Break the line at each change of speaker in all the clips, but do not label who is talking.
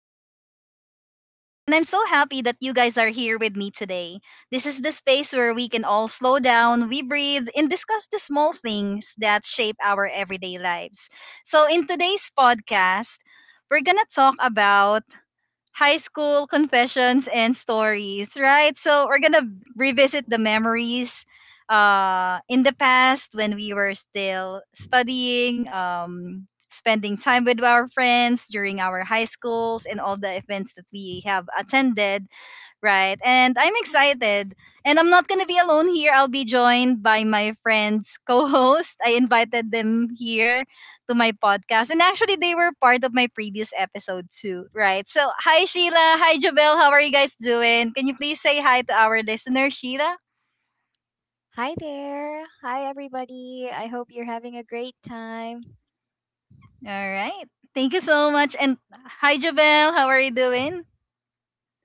I'm your host, Joanne, and I'm so happy that you guys are here with me today. This is the space where we can all slow down, we breathe, and discuss the small things that shape our everyday lives. So, in today's podcast, we're going to talk about high school confessions and stories, right? So we're gonna revisit the memories in the past when we were still studying, spending time with our friends during our high schools and all the events that we have attended. Right. And I'm excited. And I'm not going to be alone here. I'll be joined by my friends co host. I invited them here to my podcast. And actually, they were part of my previous episode too. Right. So, hi, Sheila. Hi, Jabel. How are you guys doing? Can you please say hi to our listener, Sheila?
Hi there. Hi, everybody. I hope you're having a great time.
All right. Thank you so much. And hi, Jabel. How are you doing?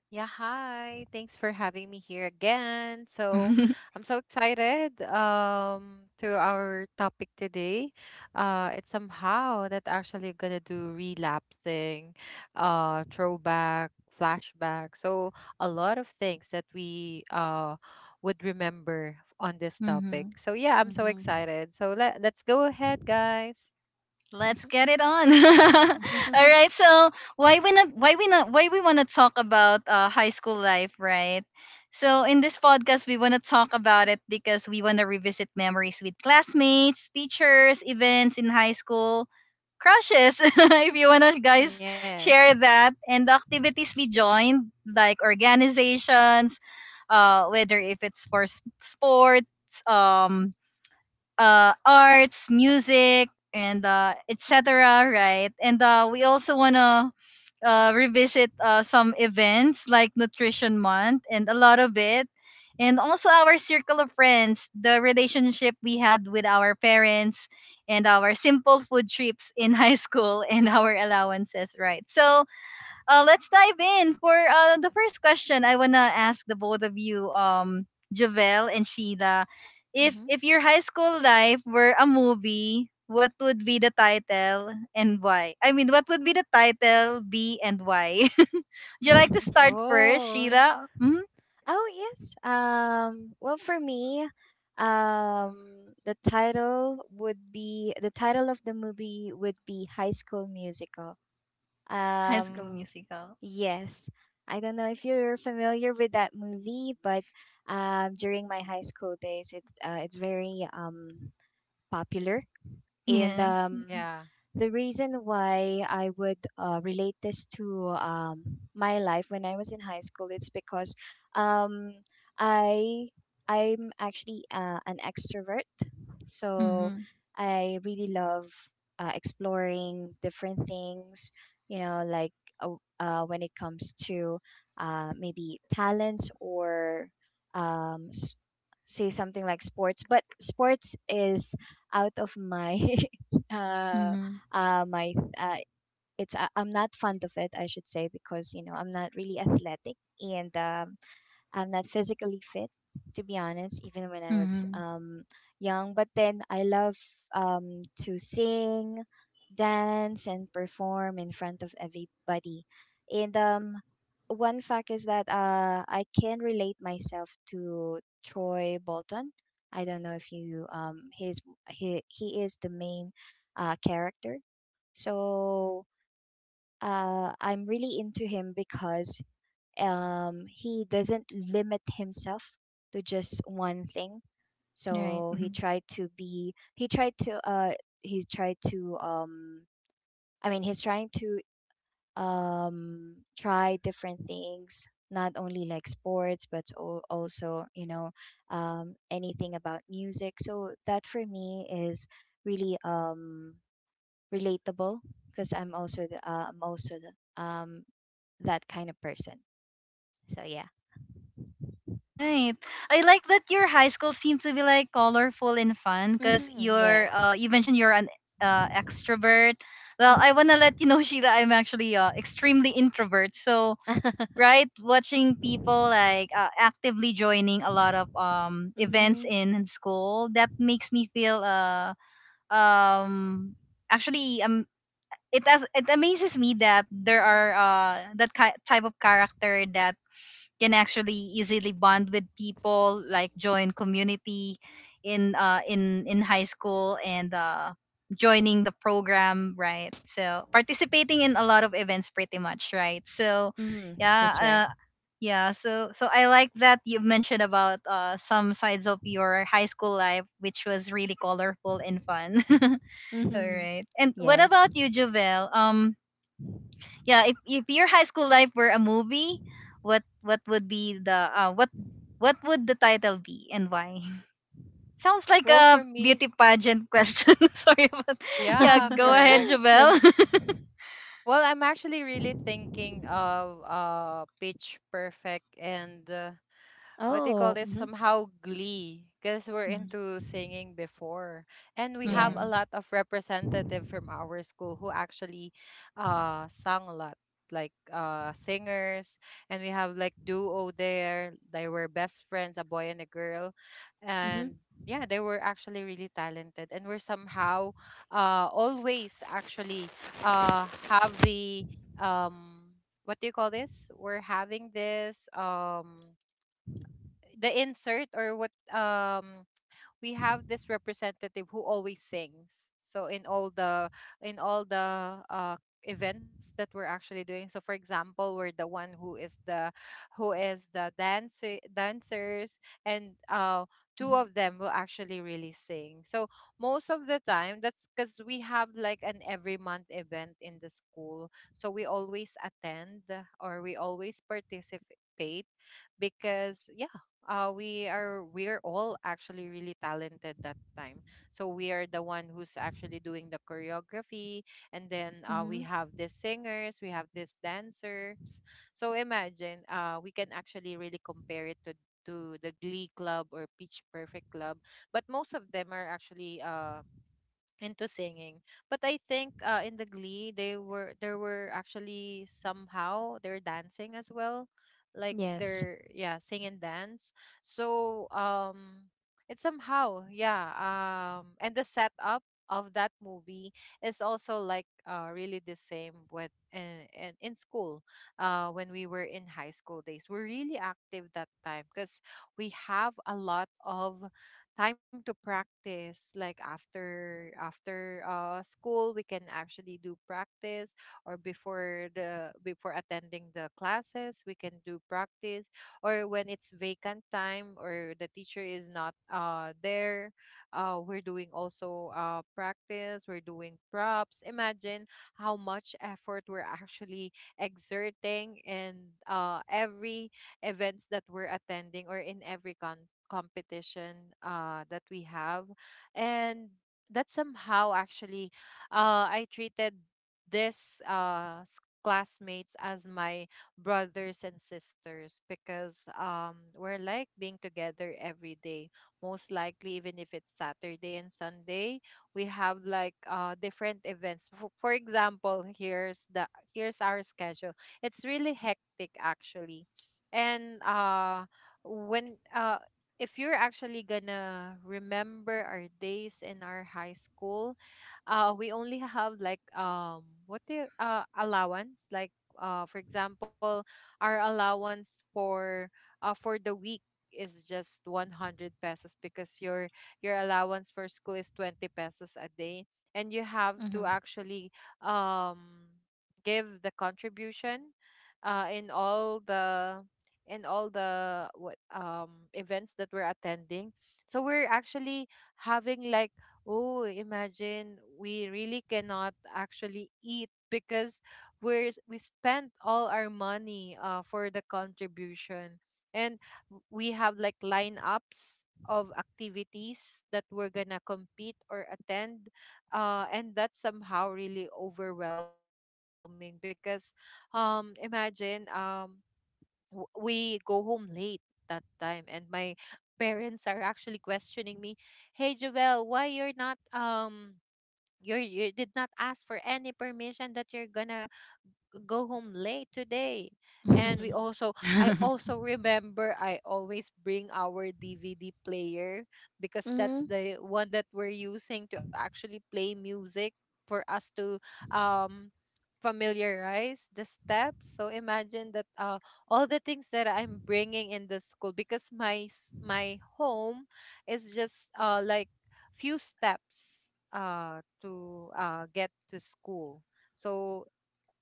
Yeah, hi. Thanks for having me here again. So, I'm so excited to our topic today. It's somehow that actually gonna do relapsing, throwback, flashback. So, a lot of things that we would remember on this
hmm
topic. So, yeah, I'm so
Mm-hmm.
excited. So, let's go ahead, guys.
Let's get it on. All right. So why we not why we not why we want to talk about high school life, right? So in this podcast, we want to talk about it because we want to revisit memories with classmates, teachers, events in high school, crushes. If you want to guys
Yes.
share that, and the activities we joined, like organizations, whether if it's for sports, um, arts, music, and etc. Right, and we also wanna revisit some events like Nutrition Month and a lot of it, and also our circle of friends, the relationship we had with our parents, and our simple food trips in high school and our allowances. Right, so let's dive in for the first question. I wanna ask the both of you, Javel and Sheila, if
Mm-hmm.
if your high school life were a movie, what would be the title and why? I mean, what would be the title, be and why? Would you like to start first,
Oh,
Sheila?
Oh, yes. Well, for me, the title of the movie would be High School Musical.
High School
Um,
Musical.
yes. I don't know if you're familiar with that movie, but during my high school days, it's very popular. And
Yes.
yeah.
the reason why I would relate this to my life when I was in high school, it's because um, I I'm actually an extrovert, so
Mm-hmm.
I really love exploring different things. You know, like uh, when it comes to maybe talents or um, s- say something like sports, but sports is out of my uh,
Mm-hmm.
uh my uh I'm not fond of it, I should say, because I'm not really athletic, and I'm not physically fit, to be honest, even when I was
Mm-hmm.
young. But then I love to sing, dance, and perform in front of everybody. And one fact is that I can relate myself to Troy Bolton. I don't know if you his he is the main character. So I'm really into him because he doesn't limit himself to just one thing,
Right.
so
Mm-hmm.
he tried to I mean, he's trying to try different things, not only like sports but also, anything about music. So that for me is really relatable, because I'm also that kind of person. So yeah.
Right. I like that your high school seemed to be like colorful and fun because
Mm-hmm.
you're
Yes.
uh you mentioned you're an extrovert. Well,
Mhm.
I wanna let you know, Sheila, I'm actually extremely introvert. So right, watching people like actively joining a lot of
Mhm.
events in school, that makes me feel um actually, it amazes me that there are that type of character that can actually easily bond with people, like join community in in high school and joining the program, right? So participating in a lot of events pretty much, right? So
Mhm. That's right.
yeah, yeah, so I like that you mentioned about some sides of your high school life, which was really colorful and fun. All
Mhm.
right. And what
Yes.
about you, Javel? Yeah, if your high school life were a movie, what what would be the uh what what would the title be and why? Sounds like
Well,
a
for me,
beauty pageant question. Sorry, but yeah,
yeah,
go ahead,
correct.
Jabel.
That's.
Well, I'm actually really thinking of Pitch Perfect and what do you call
oh.
this,
mhm.
somehow Glee, because we're into singing before and we have a
Mm-hmm.
Yes.
lot of representative from our school who actually sang a lot, like singers, and we have like duo there. They were best friends, a boy and a girl, and
Mhm.
yeah, they were actually really talented and we're somehow always actually have the um what do you call this, we're having this, the insert or what, we have this representative who always sings. So in all the in all the events that we're actually doing, so for example we're the one who is the dancers, and
Mhm.
two of them will actually really sing. So most of the time, that's because we have like an every month event in the school, so we always attend or we always participate because we are all actually really talented that time. So we are the one who's actually doing the choreography, and then
Mhm.
we have these singers, we have these dancers. So imagine, we can actually really compare it to the Glee Club or Pitch Perfect Club, but most of them are actually into singing. But I think in the Glee, they were there were actually somehow they're dancing as well, like
Yes.
they're, yeah, sing and dance. So it's somehow, yeah, and the setup of that movie is also like really the same with in school when we were in high school days. We're really active that time because we have a lot of time to practice, like after school we can actually do practice, or before attending the classes we can do practice, or when it's vacant time or the teacher is not there, we're doing also practice, we're doing props. Imagine how much effort we're actually exerting in every events that we're attending, or in every competition that we have. And that somehow actually, I treated this s- classmates as my brothers and sisters because we're like being together every day. Most likely, even if it's Saturday and Sunday, we have like different events. For example, here's our schedule. It's really hectic actually, and when if you're actually gonna remember our days in our high school, we only have like, allowance, like for example, our allowance for the week is just 100 pesos, because your allowance for school is 20 pesos a day, and you have to
Mhm.
actually, um give the contribution in all the and all the, what events that we're attending. So we're actually having like, oh, imagine we really cannot actually eat because we spent all our money for the contribution, and we have like lineups of activities that we're gonna compete or attend, and that's somehow really overwhelming because um imagine um we go home late that time, and my parents are actually questioning me, "Hey, Jovel, why you're not, you're, you did not ask for any permission that you're gonna go home late today." And
Mhm.
I also remember I always bring our DVD player because that's the one that we're using to actually play music for us to, um familiarize the steps. So imagine that, all the things that I'm bringing in the school, because my home is just like few steps to get to school. So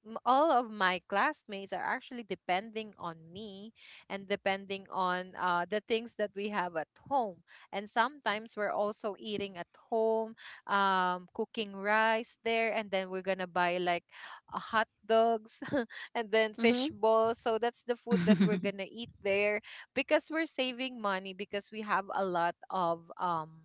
all of my classmates are actually depending on me, and depending on, the things that we have at home. And sometimes we're also eating at home, cooking rice there, and then we're gonna buy like hot dogs and then
Mhm.
fish
Mhm.
balls. So that's the food that we're gonna eat there, because we're saving money, because we have a lot of,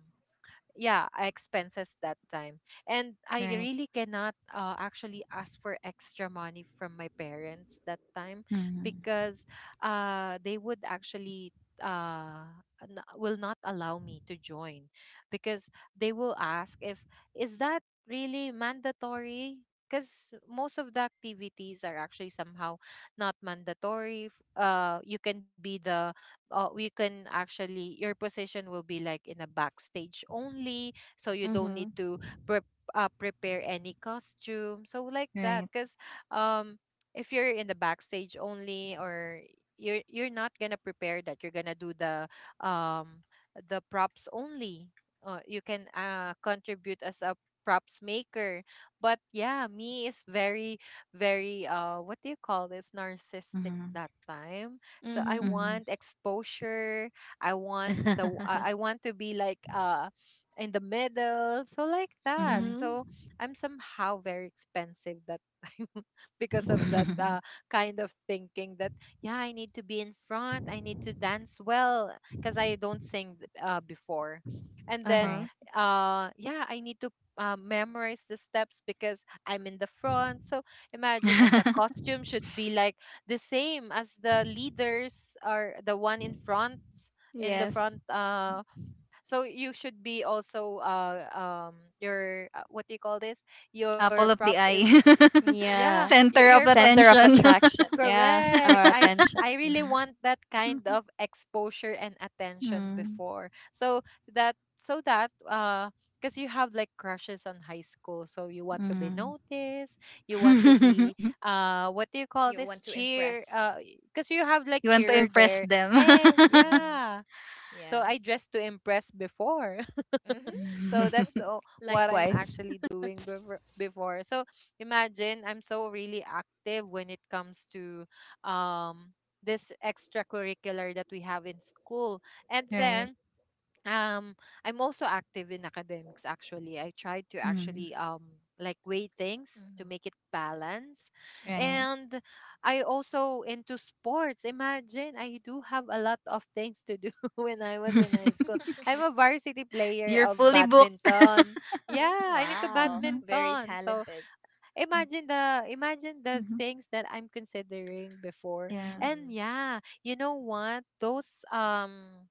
yeah expenses that time, and I
Right.
really cannot, actually ask for extra money from my parents that time,
Mm.
because they would actually uh will not allow me to join, because they will ask if is that really mandatory, because most of the activities are actually somehow not mandatory. You can be the, we can actually, your position will be like in a backstage only, so you don't need
Mhm.
to pre- prepare any costume, so like that.
Right.
Because um if you're in the backstage only, or you're not gonna prepare that, you're gonna do the, um the props only. You can, contribute as a props maker. But yeah, me is very, very what do you call this narcissistic
Mm-hmm.
that time, so I
Mhm.
Mm-hmm.
want exposure, I want the, I want to be like in the middle, so like that.
Mm-hmm.
So I'm somehow very expensive that time because of that, kind of thinking that, yeah, I need to be in front, I need to dance well, because I don't sing, before. And then,
Uh-huh.
Right.
yeah, I need to, memorize the steps because I'm in the front. So imagine, and the costume should be like the same as the leaders, are the one in front, in the
Yes.
front uh So you should be also, um your, what do you call this your
Apple of
props
the eye.
is, yeah,
Yeah.
Center
your
of
Center of
attention.
attraction. Yeah.
Correct.
Our
I
attention.
really
Mhm.
want that kind
Mm-hmm.
of exposure and attention before. So that, because you have like crushes on high school, so you want to be noticed, you want to be,
Mm-hmm.
what do you call
You
this
want to
cheer,
impress.
because you have like
You want to
cheer
impress
there.
them.
Hey,
Mhm.
yeah, so
Yeah.
I dressed to impress before.
Mhm.
So that's what I'm
Likewise.
actually doing before. So imagine, I'm so really active when it comes to, um this extracurricular that we have in school. And
Right.
then, um I'm also active in academics. Actually, I tried to
Mm.
actually, like, weigh things to
Mm-hmm.
make it balance.
Right.
Mm-hmm.
And I also into sports. Imagine, I do have a lot of things to do when I was in high school. I'm a varsity player
You're
of
fully booked.
badminton. Yeah, I'm into
Wow.
Mhm.
Very
badminton. So,
talented.
imagine the
Mhm.
things that I'm considering before.
Yeah.
And
Mm-hmm.
yeah, you know what, those,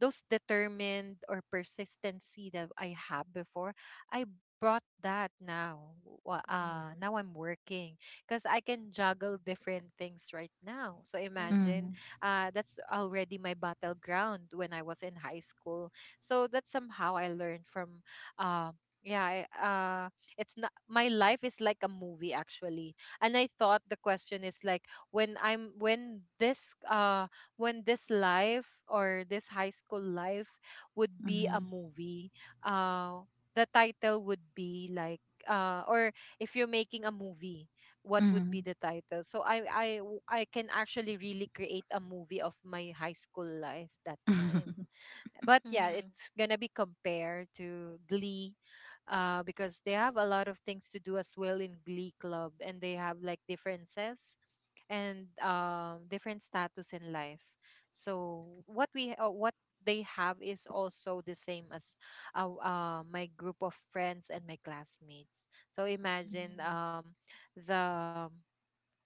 those determined or persistency that I have before, I brought that now.
Mm-hmm.
Now I'm working, because I can juggle different things right now. So
Mm-hmm.
Mm-hmm.
imagine, that's already my battleground when I was in high school. So that's somehow I learned from. Uh, yeah, it's not my life is like a movie actually, and I thought the question is like, when this life or this high school life would be
Mm-hmm.
a movie, uh, the title would be like, or if you're making a movie, what would
Mm-hmm.
be the title? So I can actually really create a movie of my high school life that time. But yeah,
Mm-hmm.
it's gonna be compared to Glee, because they have a lot of things to do as well in Glee Club, and they have like differences and, different status in life. So what they have is also the same as, my group of friends and my classmates. So imagine, the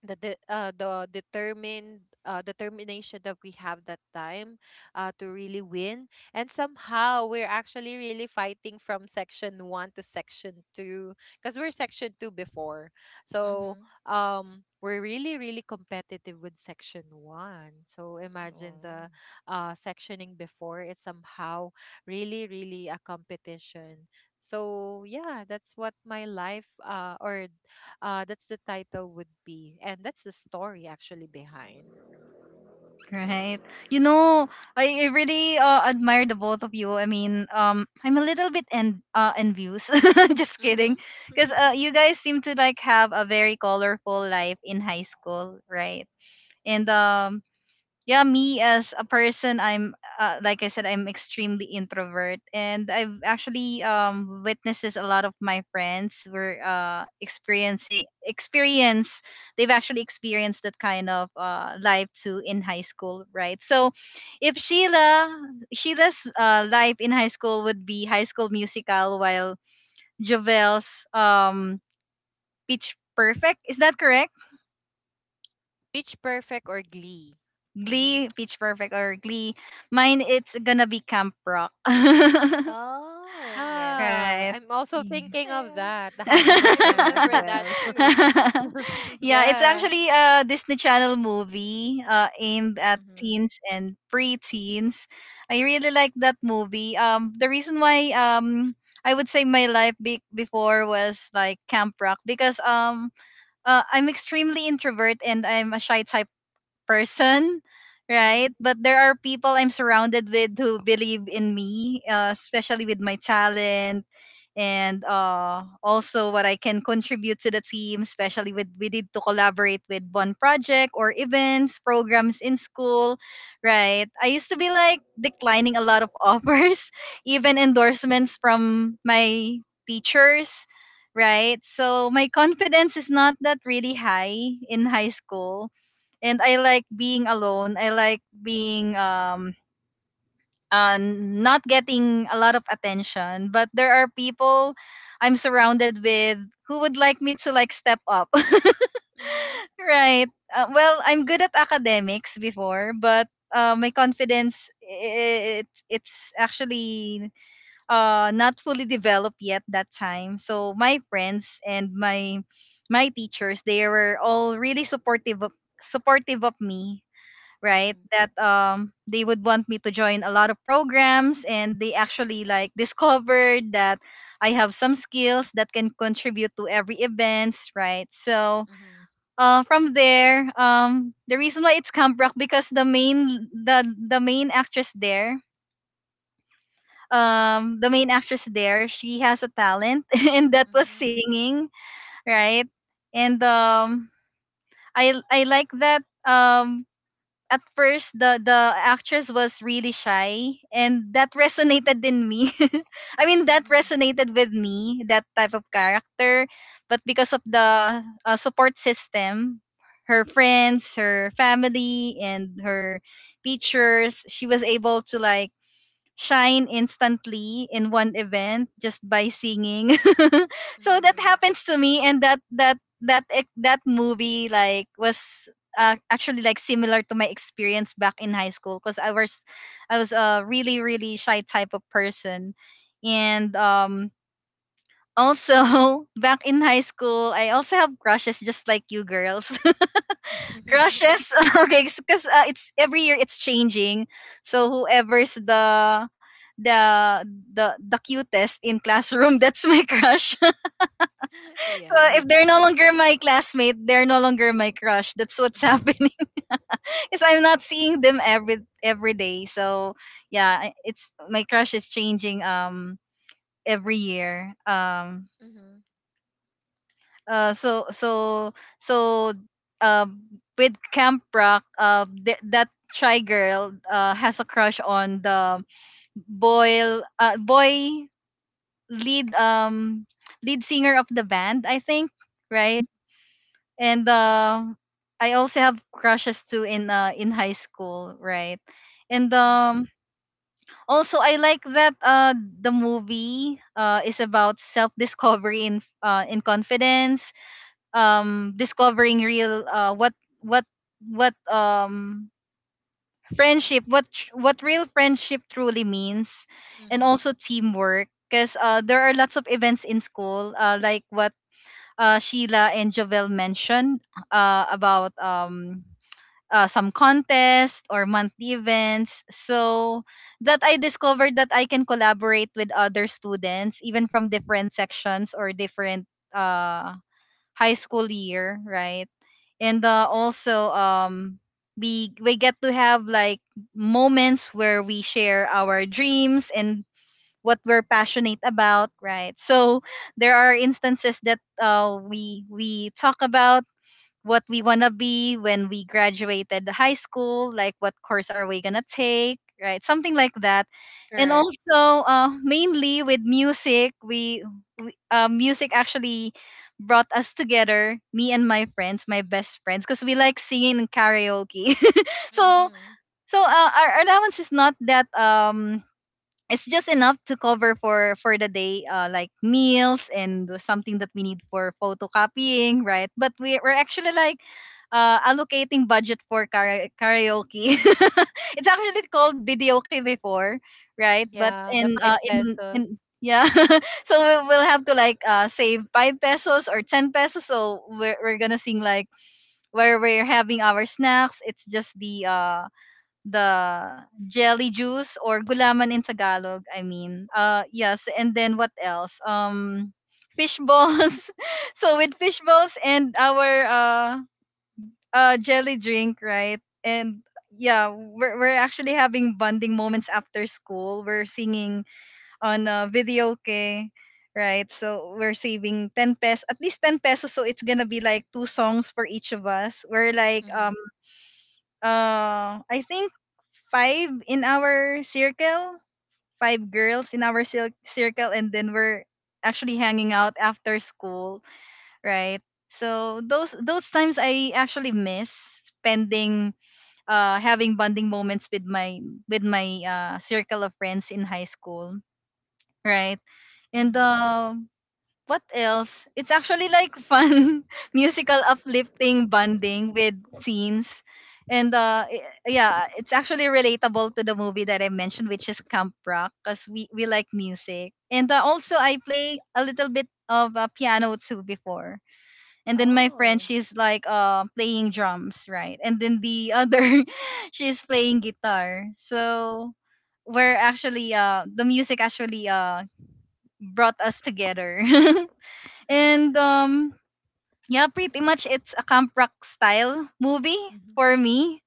the determined, determination that we have that time, to really win. And somehow we're actually really fighting from section 1 to section 2, because we're section 2 before. So,
Mm-hmm.
we're really really competitive with section 1. So imagine
Wow.
the, sectioning before, it's somehow really really a competition. So yeah, that's what my life, or that's the title would be, and that's the story actually behind.
Right. You know, I really admire the both of you. I mean, I'm a little bit envious. Just
Mm-hmm.
kidding, because you guys seem to like have a very colorful life in high school, right? And yeah, me as a person, I'm like I said, I'm extremely introvert, and I've actually witnesses a lot of my friends were experiencing experience they've actually experienced that kind of life too in high school, right? So if Sheila's life in high school would be High School Musical, while Jovel's Pitch Perfect, is that correct?
Pitch Perfect or Glee.
hmm
Glee, Pitch Perfect, or Glee. Mine, it's gonna be Camp Rock.
oh, yes.
Ah,
Right.
I'm also
Yeah,
thinking of
I,
that, the Hannah
I
Montana as
remember that
well.
too.
yeah, it's
Yeah,
actually a Disney Channel movie aimed at
Mm-hmm.
teens and preteens. I really like that movie. The reason why I would say my life before was like Camp Rock because I'm extremely introvert and I'm a shy type person,
Mhm,
right? But there are people I'm surrounded with who believe in me, especially with my talent, and also what I can contribute to the team, especially with we did to collaborate with one project or events, programs in school, right? I used to be like declining a lot of offers, even
mhm,
endorsements from my teachers, right? So my confidence is not that really high in high school, and I like being alone. I like being not getting a lot of attention. But there are people I'm surrounded with who would like me to like step up.
mhm,
Right. Well, I'm good at academics before, but my confidence, it's actually not fully developed yet that time. So my friends and my teachers, they were all really supportive of me, right?
mhm,
That they would want me to join a lot of programs, and they actually like discovered that I have some skills that can contribute to every events, right? So
mhm,
from there, the reason why it's Camp Rock because the main actress there, the main actress there, she has a talent and that was singing,
mhm,
right? And I like that at first, the actress was really shy, and that resonated in me. I mean, that
mhm,
resonated with me, that type of character. But because of the support system, her friends, her family, and her teachers, she was able to like shine instantly in one event just by singing. So that
mhm,
happens to me, and that movie like was actually like similar to my experience back in high school because I was a really really shy type of person, and. Also, back in high school, I also have crushes just like you girls.
mhm.
Crushes, okay, because it's every year it's changing, so whoever's the the cutest in classroom, that's my crush. So if
Yes.
they're no longer my classmate, they're no longer my crush, that's what's happening, because I'm not seeing them every day. So yeah, it's my crush is changing every year.
Mhm,
Uh so so so um with Camp Rock, that shy girl has a crush on the boy boy lead um lead singer of the band, I think, right? And I also have crushes too in high school, right? And
mhm,
also I like that the movie is about self discovery in confidence, discovering real what what friendship, what real friendship truly means. And
mhm,
also teamwork, because there are lots of events in school, like what Sheila and Jovel mentioned about some contest or monthly events, so that I discovered that I can collaborate with other students even from different sections or different uh high school year, right? And also we get to have like moments where we share our dreams and what we're passionate about, right? So there are instances that we talk about what we want to be when we graduated the high school, like what course are we going to take, right? Something like that. And
correct.
also, mainly with music, we music actually brought us together, me and my friends, my best friends, because we like singing and karaoke. So,
mhm,
our allowance is not that it's just enough to cover for the day, like meals and something that we need for photocopying, right? But we're actually like allocating budget for karaoke. It's actually called videoke before, right?
mhm,
But
Yeah, the
in
five pesos.
yeah, so we'll have to like save 5 pesos or 10 pesos, so we're gonna sing like where we're having our snacks. It's just the jelly juice or gulaman in Tagalog. I mean, yes. And then what else? Fish balls. So with fish balls and our jelly drink, right? And yeah, we're actually having bonding moments after school. We're singing on video, okay? Right, so we're saving 10 pesos, at least 10 pesos. So it's gonna be like two songs for each of us. We're like,
mhm,
I think five in our circle, five girls in our circle, and then we're actually hanging out after school, right? So those times I actually miss spending having bonding moments with my circle of friends in high school, right? And
mhm.
what else? It's actually like fun musical uplifting bonding with scenes. And yeah, it's actually relatable to the movie that I mentioned, which is Camp Rock, cuz we like music. And also I play a little bit of piano too before. And then my friend,
Oh.
she's like playing drums, right? And then the other she's playing guitar. So we're actually the music actually brought us together. And yeah, pretty much it's a Camp Rock style movie
Mhm.
for me,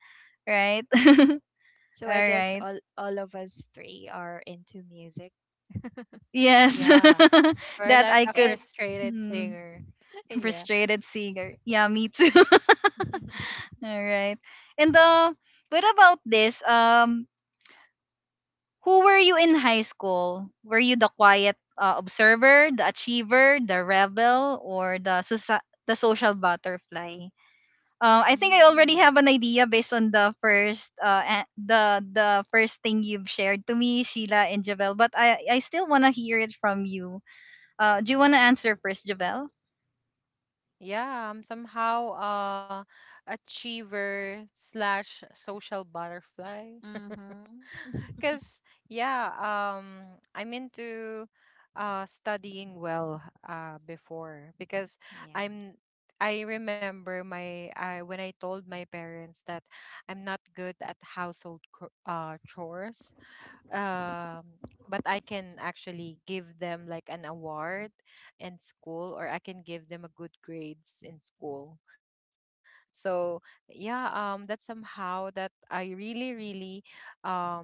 right?
So
All
I guess
right.
all of us three are into music.
Yes.
Yeah,
Yeah.
or
that
like
I
a
And
could
frustrated
mm,
singer.
yeah.
frustrated singer. Yeah, me too. All right. And what about this? Who were you in high school? Were you the quiet observer, the achiever, the rebel, or the the social butterfly? I think I already
Mm.
have an idea based on the first the first thing you've shared to me, Sheila and Javel. But I still wanna hear it from you. Do you wanna answer first, Javel?
Yeah, I'm somehow achiever slash social butterfly.
Mhm.
Because yeah, I'm into studying well before, because
Yeah.
I'm I remember my I when I told my parents that I'm not good at household chores. But I can actually give them like an award in school, or I can give them a good grades in school. So yeah, that's somehow that I really, really um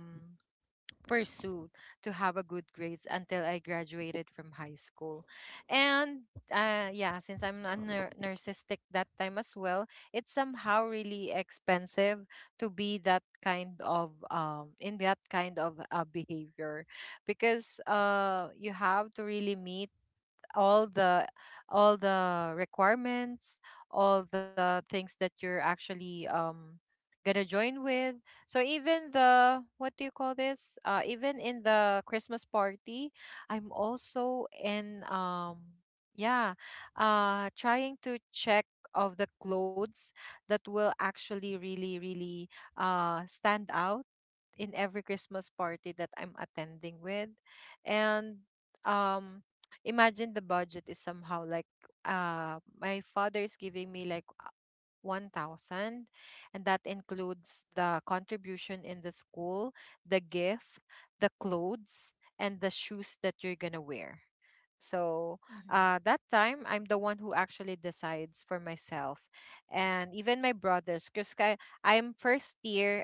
pursued to have a good grades until I graduated from high school. And yeah, since I'm a narcissistic that time as well, it's somehow really expensive to be that kind of behavior because you have to really meet all the all the requirements, all the things that you're actually gonna join with. So even the what do you call this? Even in the Christmas party, I'm also in. yeah, Trying to check of the clothes that will actually really really stand out in every Christmas party that I'm attending with. And um imagine the budget is somehow like my father is giving me like 1000, and that includes the contribution in the school, the gift, the clothes and the shoes that you're going to wear. So
Mm-hmm.
that time, I'm the one who actually decides for myself, and even my brothers, because I'm first year,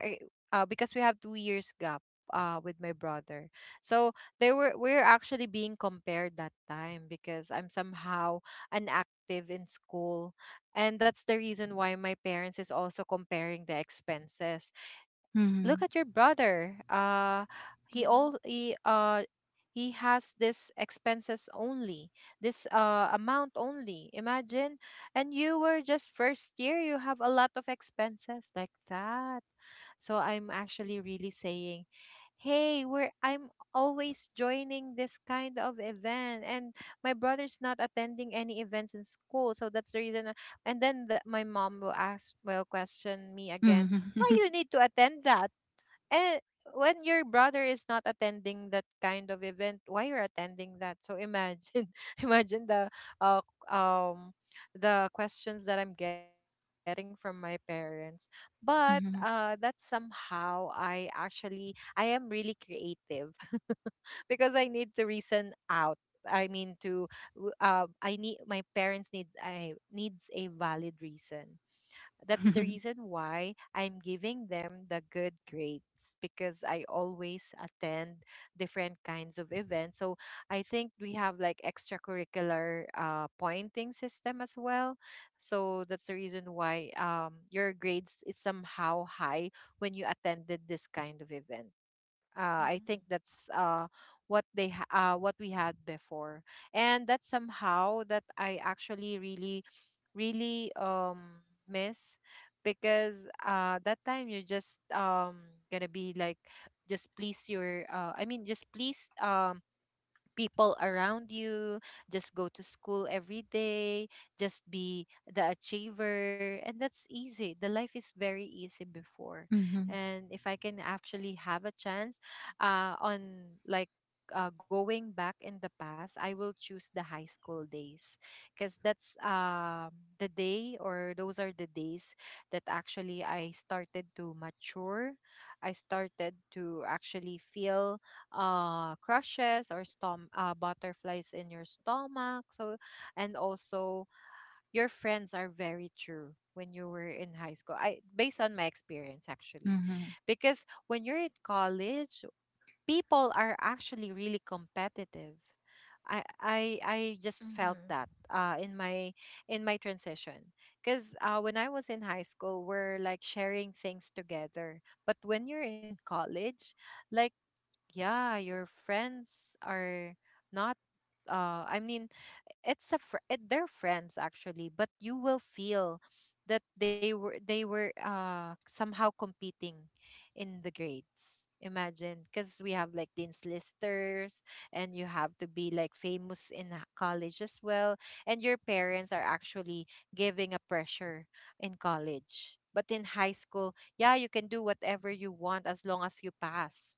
because we have 2 years gap with my brother. So they were we are actually being compared that time because I'm somehow inactive in school, and that's the reason why my parents is also comparing the expenses. Look
Mm-hmm.
at your brother. He he has this expenses only, this amount only. Imagine, and you were just first year. You have a lot of expenses like that. So I'm actually really saying, hey, we're I'm always joining this kind of event, and my brother's not attending any events in school, so that's the reason. And then my mom will will question me again, why
Mm-hmm.
you need to attend that? And when your brother is not attending that kind of event, why you're attending that? So imagine, imagine uh, um the questions that I'm getting from my parents. But that somehow I am really creative because I need to reason out. I mean, to w- I need my parents need, I needs a valid reason. That's the
Mm-hmm.
reason why I'm giving them the good grades because I always attend different kinds of events. So I think we have like extracurricular pointing system as well. So that's the reason why your grades is somehow high when you attended this kind of event.
hmm
Uh, I
mm hmm
think that's what they ha- What we had before, and that's somehow that I actually really, really miss because that time you're just gonna be like just please your I mean just please people around you, just go to school every day, just be the achiever. And that's easy. The life is very easy before.
Mm-hmm.
And if I can actually have a chance uh, on like, going back in the past, I will choose the high school days because that's the day or those are the days that actually I started to mature. I started to actually feel crushes, or stom butterflies in your stomach. So, and also, your friends are very true when you were in high school, I based on my experience actually, because when you're in college, people are actually really competitive. I just felt that
hmm
in my transition because when I was in high school, we're like sharing things together. But when you're in college, like, yeah, your friends are not, I mean it's a it, they're friends actually, but you will feel that they were somehow competing in the grades. Imagine, because we have like dean's listers, and you have to be like famous in college as well, and your parents are actually giving a pressure in college. But in high school, yeah, you can do whatever you want as long as you pass.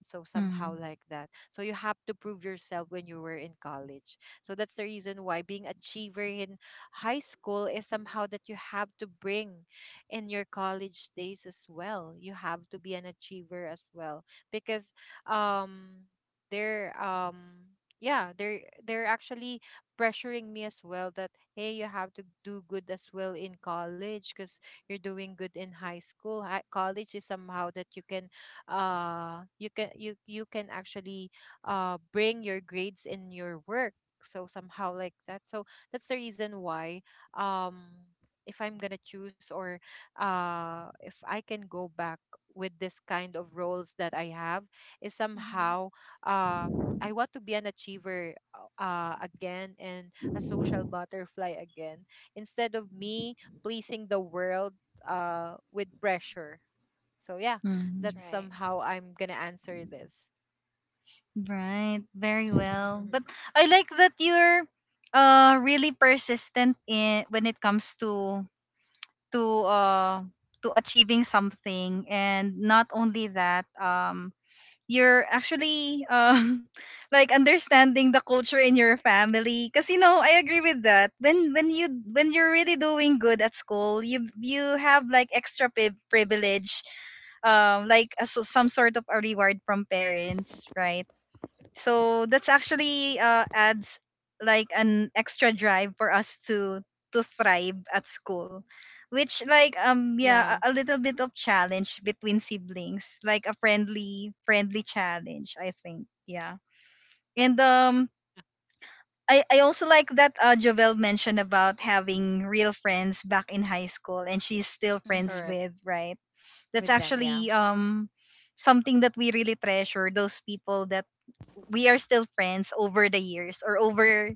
So somehow
Mm-hmm.
like that. So you have to prove yourself when you were in college. So that's the reason why being achiever in high school is somehow that you have to bring in your college days as well. You have to be an achiever as well because um they're um yeah they're they're actually pressuring me as well that, hey, you have to do good as well in college because you're doing good in high school. College is somehow that you can you can actually bring your grades in your work. So somehow like that. So that's the reason why, um if I'm gonna choose, or if I can go back with this kind of roles that I have, is
hmm
somehow I want to be an achiever, again, and a social butterfly again, instead of me pleasing the world with pressure. So, yeah,
That's
Mm-hmm.
that's
right.
somehow I'm going to answer this.
Right. Very well. But I like that you're really persistent in when it comes to to uh to achieving something. And not only that, you're actually like understanding the culture in your family, because, you know, I agree with that. When you're really doing good at school, you have like extra privilege, like so some sort of a reward from parents, right? So that's actually adds like an extra drive for us to thrive at school, which like
Yeah,
yeah, a little bit of challenge between siblings, like a friendly challenge, I think. Yeah. And I also like that Jovel mentioned about having real friends back in high school, and she's still friends
correct.
hmm
with, right? That's
With them, yeah.
actually something that we really treasure, those people that we are still friends over the years, or over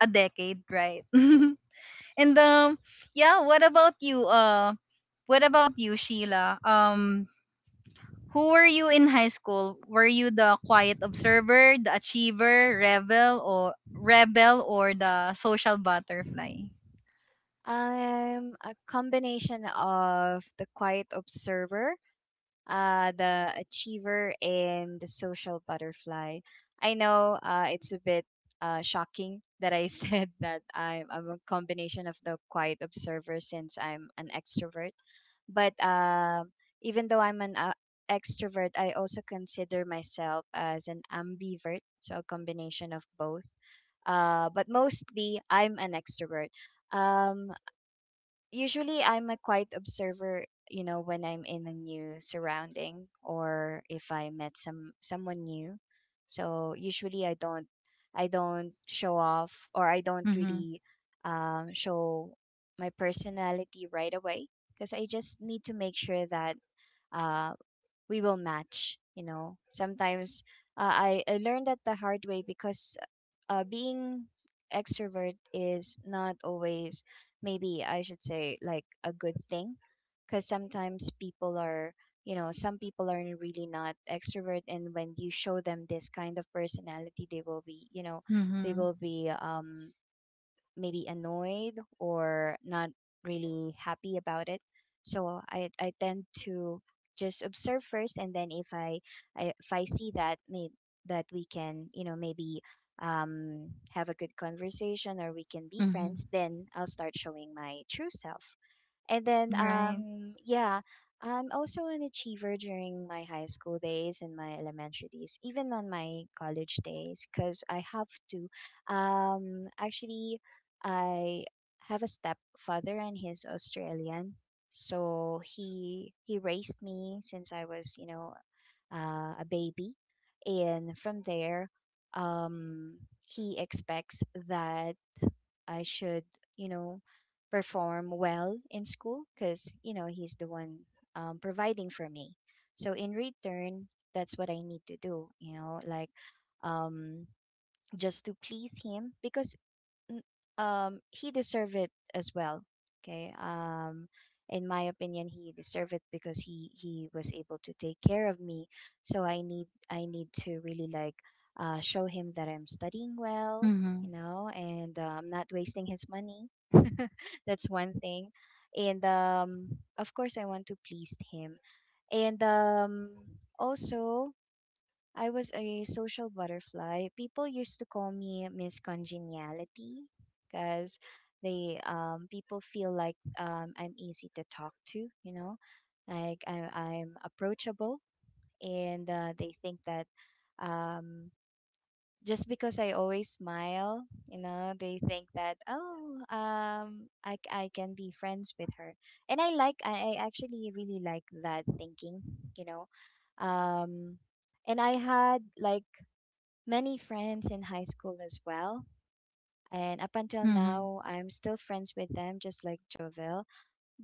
a decade, right? And yeah, what about you, Sheila? Who were you in high school? Were you the quiet observer, the achiever, rebel, or the social butterfly?
I'm a combination of the quiet observer, the achiever, and the social butterfly. I know it's a bit shocking that I said that I'm a combination of the quiet observer since I'm an extrovert. But even though I'm an extrovert, I also consider myself as an ambivert, so a combination of both. But mostly, I'm an extrovert. Um, Usually I'm a quiet observer, you know, when I'm in a new surrounding or if I met someone new. So usually I don't show off, or I don't
Mm-hmm.
really show my personality right away, because I just need to make sure that uh, we will match, you know. Sometimes I learned that the hard way, because being extrovert is not always, maybe I should say, like a good thing, because sometimes people are, you know, some people are really not extrovert, and when you show them this kind of personality, they will be, you know, they
Mm-hmm.
will be maybe annoyed or not really happy about it. So I tend to just observe first, and then if I, I, if I see that may that we can, you know, maybe have a good conversation or we can be
Mm-hmm.
friends, then I'll start showing my true self. And then,
Right.
yeah, I'm also an achiever during my high school days and my elementary days, even on my college days, because I have to. Actually, I have a stepfather and he's Australian, so he raised me since I was, you know, a baby, and from there, um, he expects that I should, you know, perform well in school because, you know, he's the one providing for me. So in return, that's what I need to do, you know, like um, just to please him because n- he deserved it as well. Okay. Um, in my opinion he deserved it because he was able to take care of me. So I need to really, like, show him that I'm studying well,
Mm-hmm.
you know, and I'm not wasting his money. That's one thing. And of course I want to please him. And also I was a social butterfly. People used to call me Miss Congeniality because they people feel like I'm easy to talk to, you know, like I'm approachable, and they think that um just because I always smile, you know, they think that, oh, I can be friends with her, and I actually really like that thinking, you know, um and I had like many friends in high school as well. And up until
Mm-hmm.
now, I'm still friends with them, just like Jovel.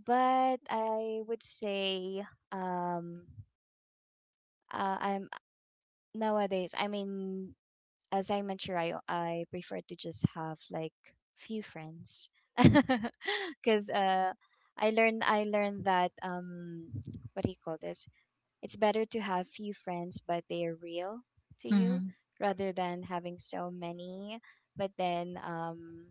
But I would say, um, I'm nowadays. I mean, as I mature, I prefer to just have like few friends, because I learned that, what do you call this? It's better to have few friends, but they are real to you,
Mm-hmm.
rather than having so many. But then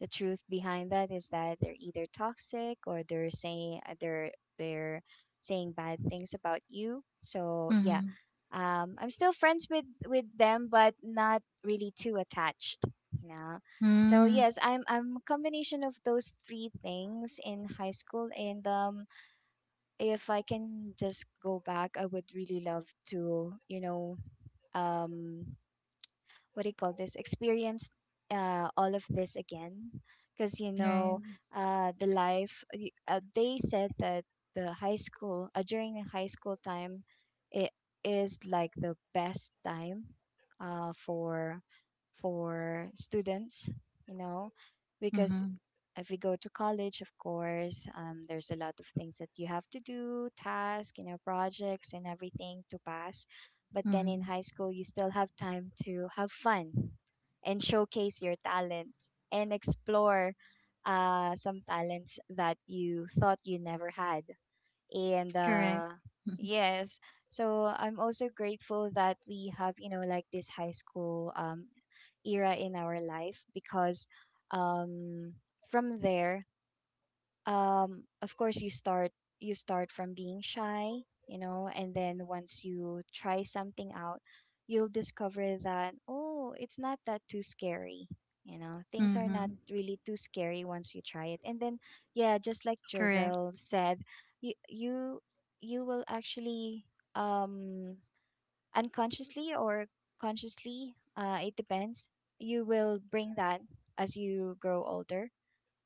the truth behind that is that they're either toxic or they're saying they're saying bad things about you. So yeah,
Hmm.
I'm still friends with them, but not really too attached. You know. So
Mm,
yes, I'm a combination of those three things in high school, and if I can just go back, I would really love to, you know, um, what do you call this? Experience all of this again. Because, you know,
right.
the life, they said that the high school, during the high school time, it is like the best time uh, for for students, you know, because
Mm-hmm.
if we go to college, of course, there's a lot of things that you have to do, tasks, you know, projects and everything to pass. But then in
Mm-hmm.
high school, you still have time to have fun and showcase your talent and explore some talents that you thought you never had, and
Correct.
yes. So I'm also grateful that we have, you know, like this high school era in our life, because um from there, of course, you start from being shy, you know, and then once you try something out, you'll discover that, oh, it's not that too scary. You know, things are not
Mm-hmm.
really too scary once you try it, and then, yeah, just like
Correct.
Jovel said, you you will actually um unconsciously or consciously, it depends, you will bring that as you grow older.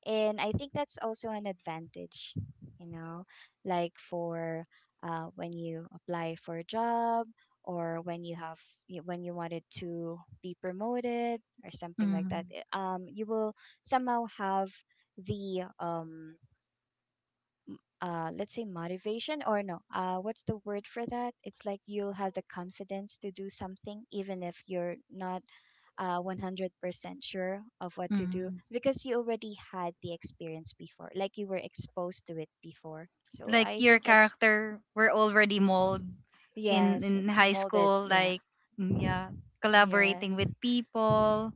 And I think that's also an advantage, you know, like for when you apply for a job, or when you have when you wanted to be promoted or something like that,
Mm-hmm.
you will somehow have the let's say motivation, or no, what's the word for that? It's like you'll have the confidence to do something even if you're not 100% sure of what to do,
Mm-hmm.
because you already had the experience before, like you were exposed to it before. So
Like
I
your
think it's
character were already mold
yes,
in
it's
high
molded.
school,
Yeah.
like mm, yeah, collaborating
Yes.
with people,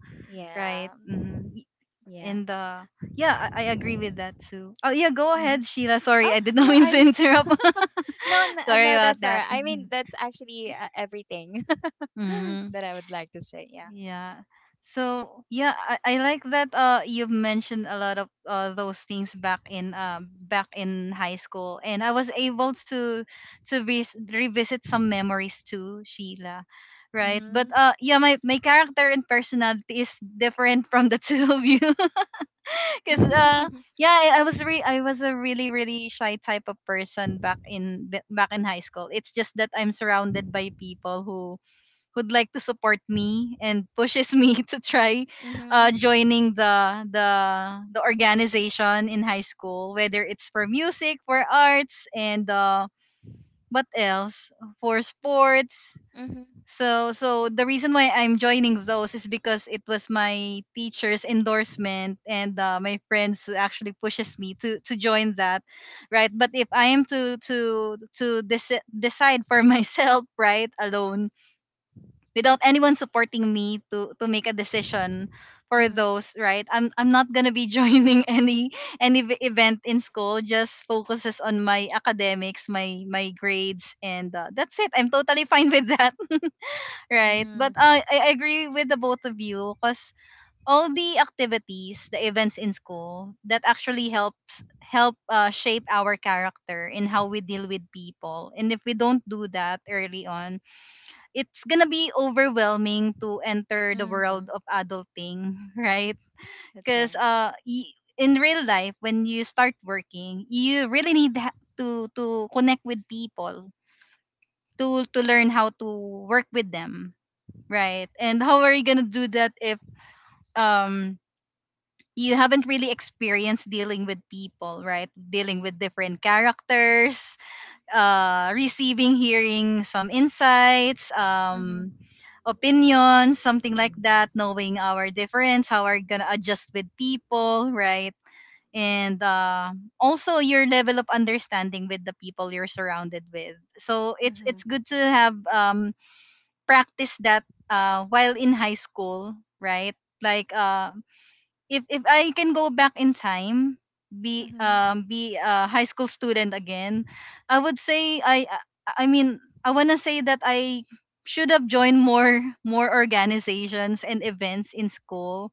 right?
Yeah.
Mm-hmm.
Yeah.
In the yeah, I agree with that too. Oh yeah, go
Mm-hmm.
ahead, Sheila. Sorry,
Oh
I did not
no,
mean to
I'm
interrupt.
no, no,
Sorry
no.
about
That's all
that.
right. I mean,
Mm-hmm.
that's actually everything
Mm-hmm.
that I would like to say. Yeah.
Yeah. So yeah, I like that you've mentioned a lot of those things back in high school, and I was able to revisit some memories too, Sheila. Right? But
Mhm.
yeah, my character and personality is different from the two of you. Cuz yeah, I was a really really shy type of person back in high school. It's just that I'm surrounded by people who who'd like to support me and pushes me to try
Mhm.
joining the organization in high school, whether it's for music, for arts, and what else, for sports.
Mhm.
So so the reason why I'm joining those is because it was my teacher's endorsement, and my friends who actually pushes me to join that, right? But if I am to decide for myself, right, alone, without anyone supporting me to make a decision for
Mhm.
those, right, I'm not going to be joining any event in school, just focuses on my academics, my grades, and that's it. I'm totally fine with that. Right, but
Mhm. Mhm.
I agree with the both of you, cuz all the activities, the events in school that actually help shape our character and how we deal with people. And if we don't do that early on, it's gonna be overwhelming to enter the world
Mhm.
of adulting, right?
That's
Because
right.
in real life, when you start working, you really to connect with people, to learn how to work with them, right? And how are you gonna do that if um you haven't really experienced dealing with people, right? Dealing with different characters, receiving, hearing some insights,
Mhm.
opinions, something like that, knowing our difference, how we're gonna adjust with people, right? And also your level of understanding with the people you're surrounded with. So
Mhm.
it's good to have, practice that while in high school, right? Like if I can go back in time,
Mhm.
be a high school student again, I would say I wanna say that I should have joined more organizations and events in school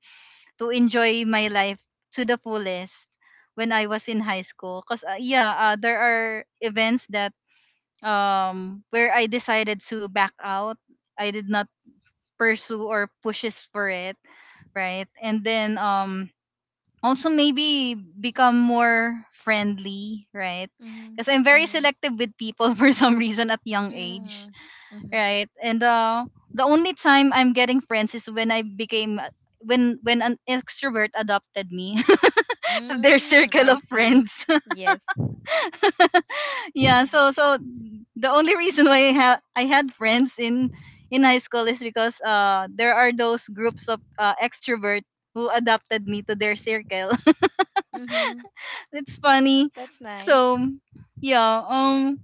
to enjoy my life to the fullest when I was in high school. Cause there are events that where I decided to back out. I did not pursue or pushes for it, right? And then also maybe become more friendly, right?
Mhm.
Because I'm very
Mhm.
selective with people for some reason at young age,
Mhm. Mhm.
right? And the only time I'm getting friends is when I became when an extrovert adopted me to their
Mm,
circle
I
of
see.
friends.
Yes.
Yeah,
Mhm.
so so the only reason why I had friends in high school is because there are those groups of extrovert who adopted me to their circle.
Mhm.
It's funny.
That's nice.
So yeah,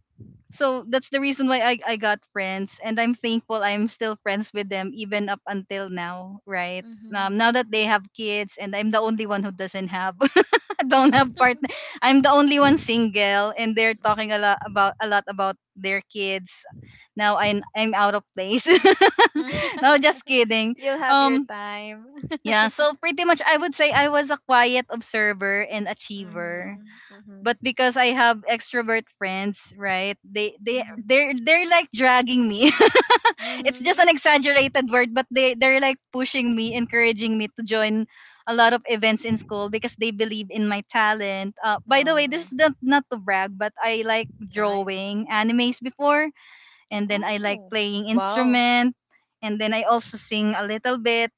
so that's the reason why I got friends, and I'm thankful I'm still friends with them even up until now, right?
Mhm.
Now that they have kids and I'm the only one who doesn't have don't
Mhm.
have partner, I'm the only one single, and they're talking a lot about their kids. Now I'm out of place.
Mhm.
No, just kidding.
You'll have your
Um,
time.
yeah, so pretty much I would say I was a quiet observer and achiever,
Mhm.
but
Mhm.
because I have extrovert friends, right? They they
Mhm.
they're they're like dragging me. It's just an
Mhm.
exaggerated word, but they're like pushing me, encouraging me to join a lot of events in school because they believe in my talent. By the way,
Oh.
this is not to brag, but I like
Nice.
drawing animes before, and then I like
Oh.
playing
Wow.
instrument, and then I also sing a little bit.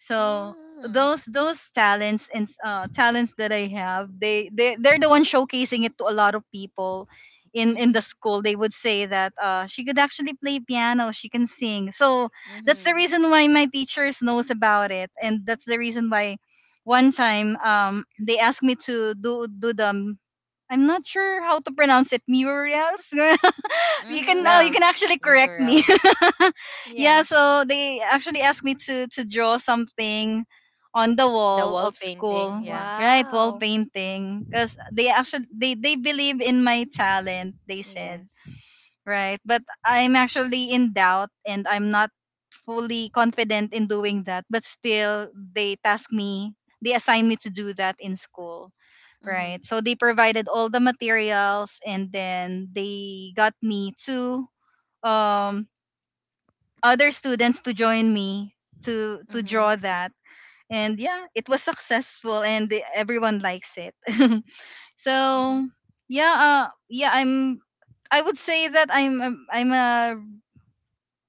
So
Mm.
those talents and talents that I have, they're the one showcasing it to a lot of people in the
Mhm.
school. They would say that she could actually play piano, she can sing. So that's the
Mhm.
reason why my teachers knows about it, and that's the reason why one time they asked me to do the, I'm not sure how to pronounce it. Murals. You can
Mhm.
you can
Yeah,
actually correct me.
mural.
Yeah,
Yeah.
so they actually asked me to draw something on the
The
wall
wall
of
painting,
school,
yeah.
right? Wall
Wow.
painting, because they actually they believe in my talent, they said.
Yes.
Right, but I'm actually in doubt and I'm not fully confident in doing that. But still, they task me, they assign me to do that in school.
Mhm.
Right, so they provided all the materials, and then they got me to um other students to join me to draw
Mhm.
that. And yeah, it was successful and the- everyone likes it.
Mhm.
So yeah, I would say that I'm a, I'm a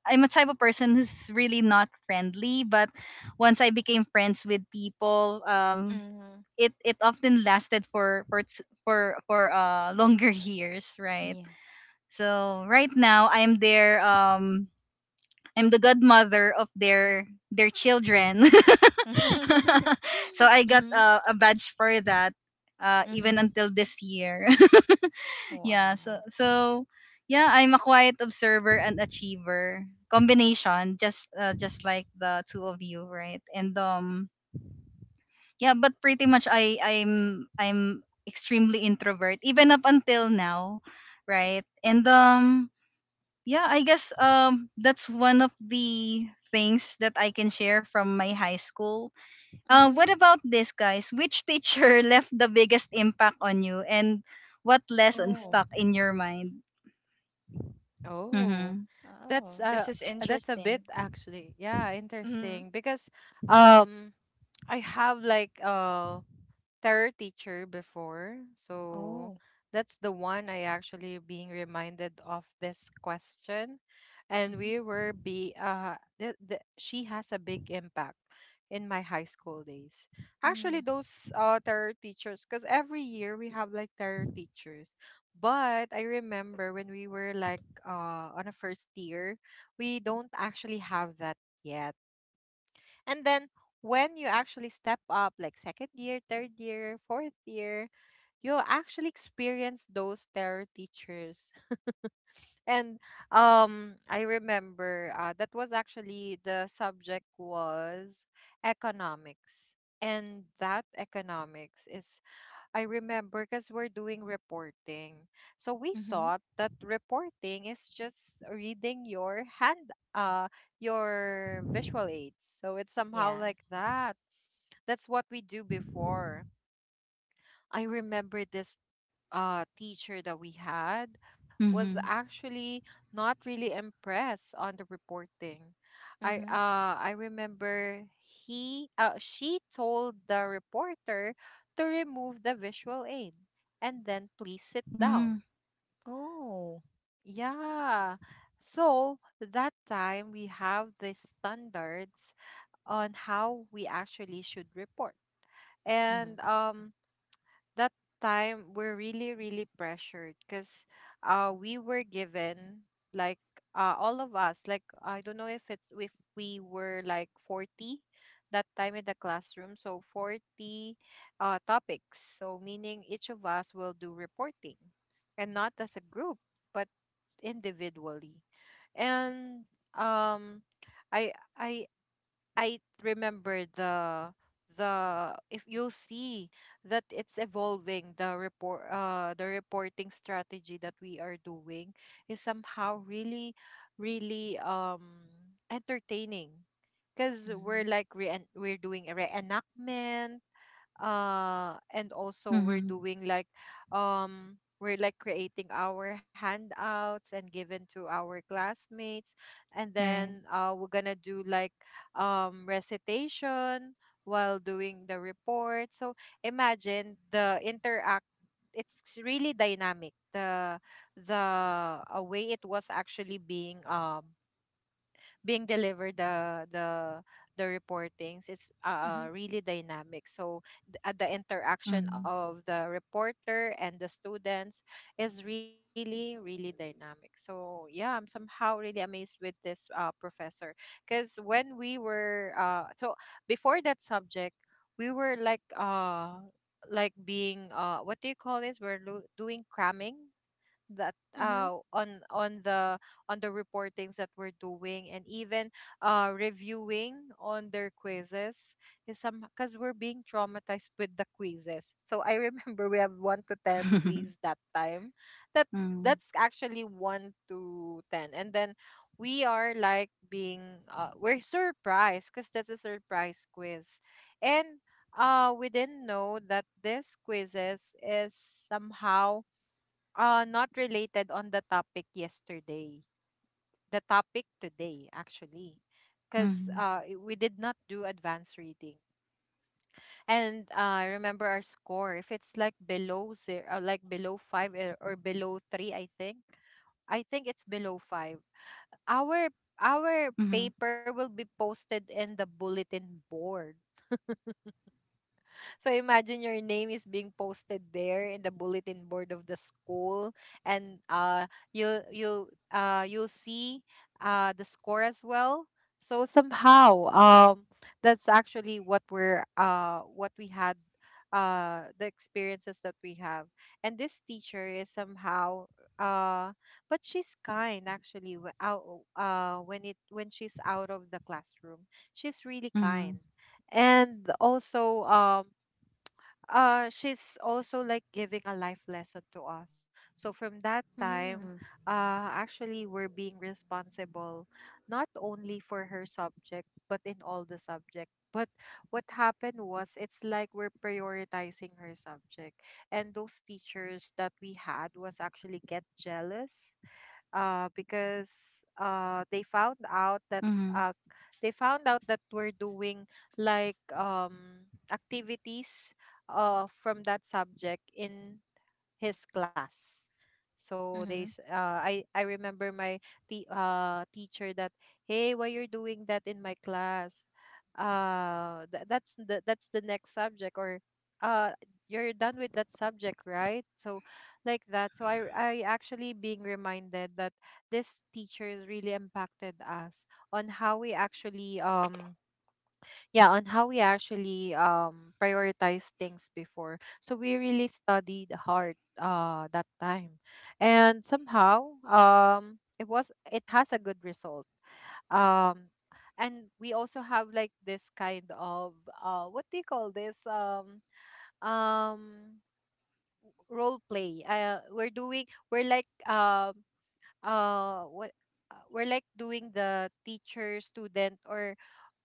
I'm a type of person who's really not friendly, but once I became friends with people,
Mhm.
it it often lasted for longer years, right?
Yeah.
So right now I'm there. Um, I'm the godmother of their children. So I got
Mhm.
a badge for that, even
Mhm.
until this year. Yeah, so
Wow.
so yeah, I'm a quiet observer and achiever combination, just like the two of you, right? And yeah, but pretty much I'm extremely introvert even up until now, right? And yeah, I guess that's one of the things that I can share from my high school.
Mhm.
What about this, guys? Which teacher left the biggest impact on you, and what lesson
Oh.
stuck in your mind?
Oh,
Mm-hmm.
that's
Oh.
uh
This is
that's a bit
interesting.
actually. Yeah,
Mhm.
interesting, because um I have like tarot teacher before. So
Oh.
that's the one I actually being reminded of this question. And
Mhm.
we were be the, she has a big impact in my high school days. Actually
Mm.
those tarot teachers, because every year we have like tarot teachers. But I remember when we were like on a first year, we don't actually have that yet. And then when you actually step up, like second year, third year, fourth year, you'll actually experience those terror teachers. And I remember that was actually the subject was economics. And that economics is, I remember because we're doing reporting. So we
Mhm.
thought that reporting is just reading your hand, your visual aids. So it's somehow like
Yes.
that. That's what we do before. I remember this teacher that we had was
Mm-hmm.
actually not really impressed on the reporting. I
Mm-hmm.
uh I remember he she told the reporter to remove the visual aid and then please sit
Mm-hmm.
down.
Oh.
Yeah. So that time we have the standards on how we actually should report. And
Mhm.
that time we're really really pressured because we were given like all of us, like I don't know if it's if we were like 40 that time in the classroom, so 40 topics, so meaning each of us will do reporting, and not as a group but individually. And um I I I remember the, if you see that it's evolving, the reporting strategy that we are doing is somehow really really entertaining because we're
Mhm.
like we're doing a reenactment, and also we're
Mm-hmm.
doing like, we're like creating our handouts and given to our classmates, and
Right.
then we're gonna do like recitation while doing the report. So imagine the interact, it's really dynamic the way it was actually being delivered, the reportings, it's
Mhm.
really dynamic. So the
Mm-hmm.
interaction of the reporter and the students is really really dynamic. So yeah, I'm somehow really amazed with this professor, because when we were so before that subject, we were like being what do you call this, we're doing cramming that
Mhm.
on on the reportings that we're doing, and even reviewing on their quizzes is some, because we're being traumatized with the quizzes. So I remember we have 1 to 10 quiz that time, that
Mm-hmm.
that's actually 1 to 10. And then we are like being we're surprised because that's a surprise quiz. And we didn't know that this quizzes is somehow not related on the topic yesterday. The topic today, actually. Because
Mm-hmm.
we did not do advanced reading. And remember our score, if it's like below zero, like below five, or below three, I think. I think it's below five. Our our paper will be posted in the bulletin board. So imagine your name is being posted there in the bulletin board of the school, and you'll see the score as well. So somehow, that's actually what we're what we had, the experiences that we have. And this teacher is somehow uh but she's kind actually, w- out when it when she's out of the classroom she's
Mm-hmm.
really kind, and also she's also like giving a life lesson to us. So from that time,
Mhm.
actually we're being responsible not only for her subject but in all the subject. But what happened was, it's like we're prioritizing her subject, and those teachers that we had was actually get jealous,
Mm-hmm.
because they found out that uh, they found out that we're doing like activities from that subject in his class. So they,
Mhm.
s- I remember my teacher that, hey, why you're doing that in my class? Th- that's the next subject, or uh, you're done with that subject, right? So, like that. So I actually being reminded that this teacher really impacted us on how we actually yeah, on how we actually prioritize things before, so we really studied hard that time, and somehow, it has a good result. um and we also have like this kind of, what do you call this, um role play we're doing. We're like what, we're like doing the teacher student, or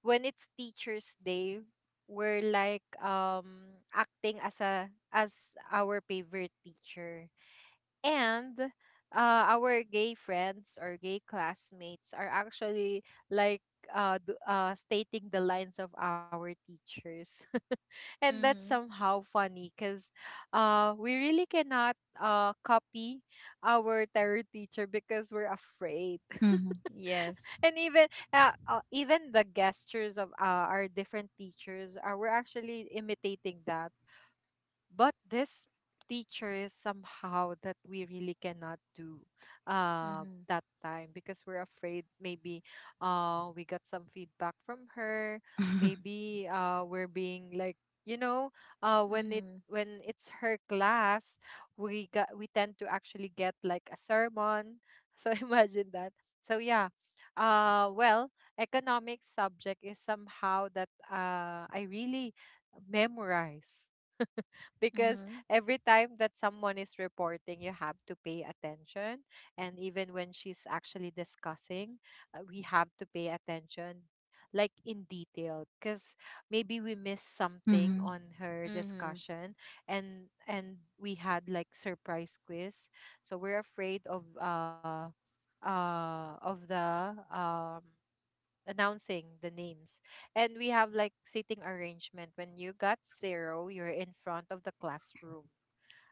when it's teachers day we're like acting as a as our favorite teacher. And our gay friends or gay classmates are actually like stating the lines of our teachers. And that's
Mhm.
somehow funny because we really cannot copy our terror teacher because we're afraid.
Mm-hmm.
Yes.
And even even the gestures of our different teachers, are we're actually imitating that. But this teacher is somehow that we really cannot do
Mhm.
that time because we're afraid. Maybe we got some feedback from her. Maybe we're being like, you know, when
Mhm.
it's her class we got we tend to actually get like a sermon. So imagine that. So yeah, well, economics subject is somehow that I really memorize because
Mhm.
every time that someone is reporting, you have to pay attention. And even when she's actually discussing, we have to pay attention like in detail because maybe we missed something
Mm-hmm.
on her
Mhm.
discussion. And we had like surprise quiz, so we're afraid of the announcing the names. And we have like seating arrangement. When you got zero, you're in front of the classroom.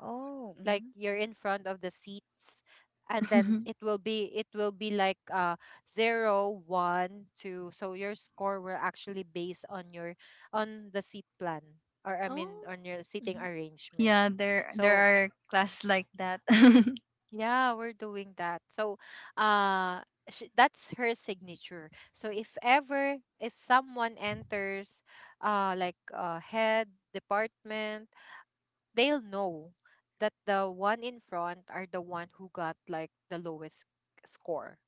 Oh.
Like
Mhm.
you're in front of the seats. And then it will be it will be like zero, one, two. So your score will actually based on your, on the seat plan, or I mean
Oh.
on your seating
Mhm.
arrangement.
Yeah, there
So
are classes like that.
yeah, we're doing that. So, uh, sh that's her signature. So if ever, if someone enters, like head department, they'll know that the one in front are the one who got like the lowest score.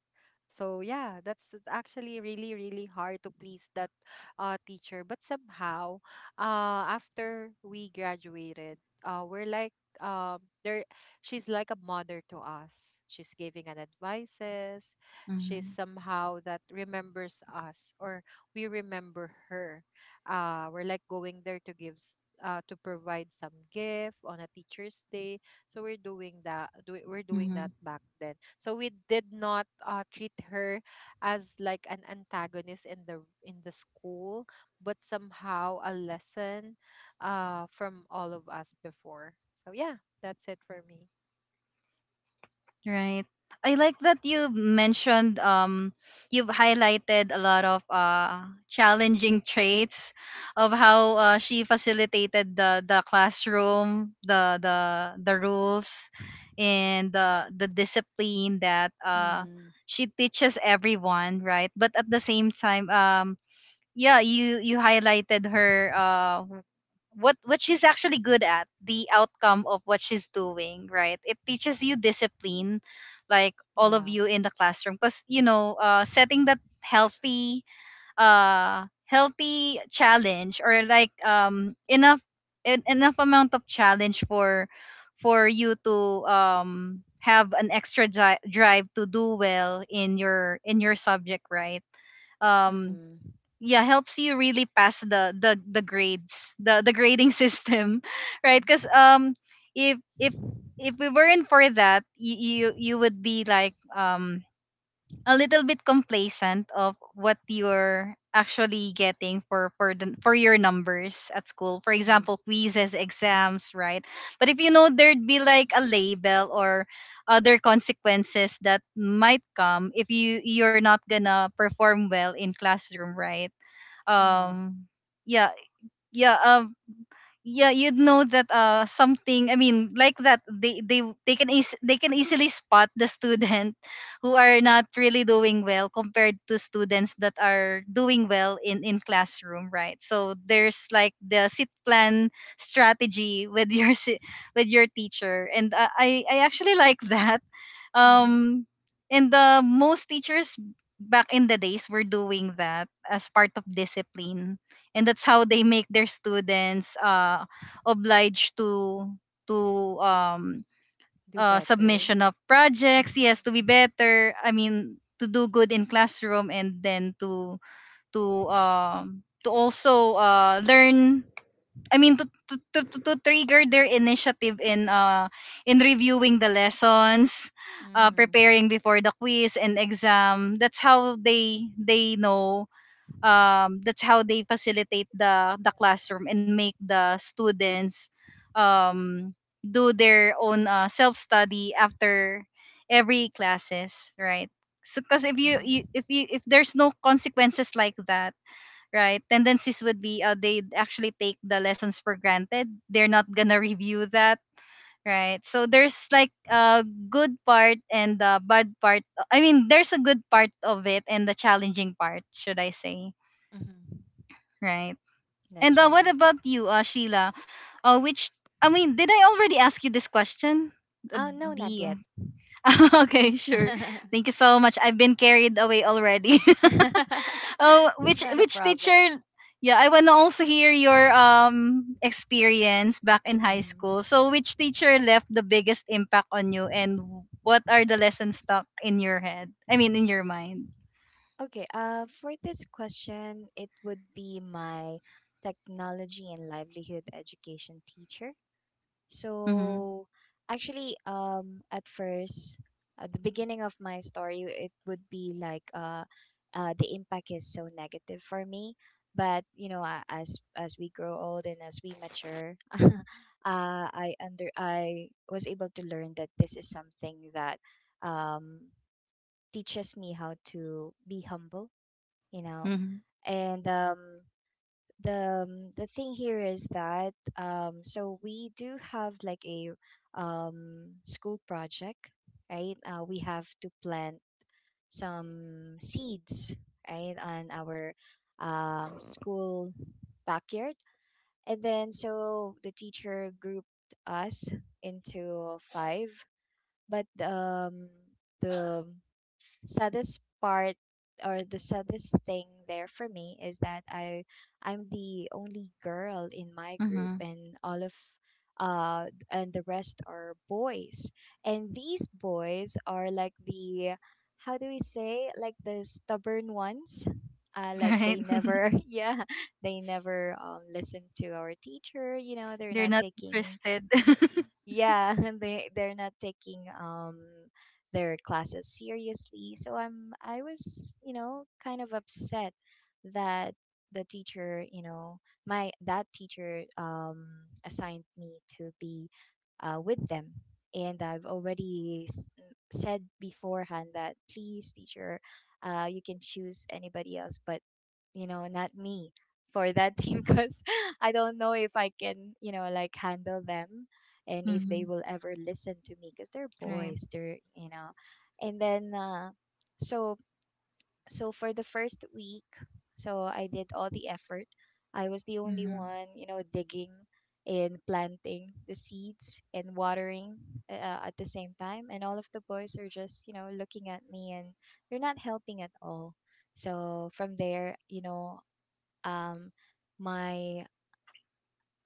So yeah, that's actually really, really hard to please that teacher. But somehow, after we graduated, we're like there, she's like a mother to us, she's giving an advices. She's
Mm-hmm.
somehow that remembers us, or we remember her. We're like going there to give to provide some gift on a teacher's day. So we're doing that. Do, we're doing that back then. So we did not treat her as like an antagonist in the school, but somehow a lesson from all of us before. So yeah, that's it for me.
Right. I like that you mentioned you've highlighted a lot of challenging traits of how she facilitated the classroom, the rules and the discipline that
Mhm.
she teaches everyone, right? But at the same time yeah, you highlighted her what she's actually good at, the outcome of what she's doing, right? It teaches you discipline, like all of
Yeah.
you in the classroom, because you know, setting that healthy healthy challenge, or like enough enough amount of challenge for you to have an extra drive to do well in your subject, right? um
Mhm.
yeah, helps you really pass the grades, the grading system, right? Because
Mhm.
if if we weren't for that, you would be like a little bit complacent of what you're actually getting for the for your numbers at school, for
Mhm.
example quizzes, exams, right? But if you know, there'd be like a label or other consequences that might come if you're not gonna perform well in classroom, right?
Mhm.
um yeah yeah um yeah, you'd know that something, I mean, that they can easily spot the student who are not really doing well compared to students that are doing well in classroom, right? So there's like the sit plan strategy with your with your teacher, and I actually like that.
Mhm.
um and the most teachers back in the days were doing that as part of discipline, and that's how they make their students obliged to
Do better.
submission of projects,
Mhm.
yes, to be
Mhm.
better, I mean to do good in classroom, and then to also learn, I mean to trigger their initiative in reviewing the lessons,
Mhm.
preparing before the quiz and exam. That's how they know, that's how they facilitate the classroom and make the students um do their own self study after every classes, right? So cuz if you,
Mhm.
you if you if there's no consequences like that, right? Tendencies would be they actually take the lessons for granted. They're not gonna review that, right? So there's like a good part and a bad part. I mean, there's a good part of it and the challenging part, should I say,
Mhm.
right? And
That's
what
right.
about you, Sheila? Which, I mean, did I already ask you this question?
Oh no, not yet.
The Okay, sure. Thank you so much. I've been carried away already. Oh,
not a
which
problem.
teacher? Yeah, I want to also hear your experience back in high
Mhm.
school. So, which teacher left the biggest impact on you, and what are the lessons stuck in your head? I mean, in your mind.
Okay, for this question, it would be my technology and livelihood education teacher.
Mm-hmm.
So, actually, at first, at the beginning of my story, it would be like the impact is so negative for me. But you know, as we grow old and as we mature, I was able to learn that this is something that um, teaches me how to be humble, you know.
Mm-hmm.
And the thing here is that so we do have like a school project, right? We have to plant some seeds, right, on our school backyard. And then so the teacher grouped us into five. But um the saddest part or the saddest thing there for me is that I'm the only girl in my group,
Mm-hmm.
and all of and the rest are boys. And these boys are like the, how do we say, like the stubborn ones? Like they
Right?
never, yeah, they never listen to our teacher, you know. They're
They're
not
not
taking,
interested.
yeah, they're not taking their classes seriously. So I was, you know, kind of upset that the teacher, you know, my that teacher assigned me to be with them. And I've already said beforehand that, "Please, teacher, you can choose anybody else, but, you know, not me for that team," because I don't know if I can, you know, like handle them, and if they
Mm-hmm.
will ever listen to me, because they're
Right.
boys, they're, you know. And then, so so for the first week, so I did all the effort. I was the only
Mm-hmm.
one, you know, digging and planting the seeds and watering, at the same time, and all of the boys are just, you know, looking at me, and they're not helping at all. So from there, you know, um my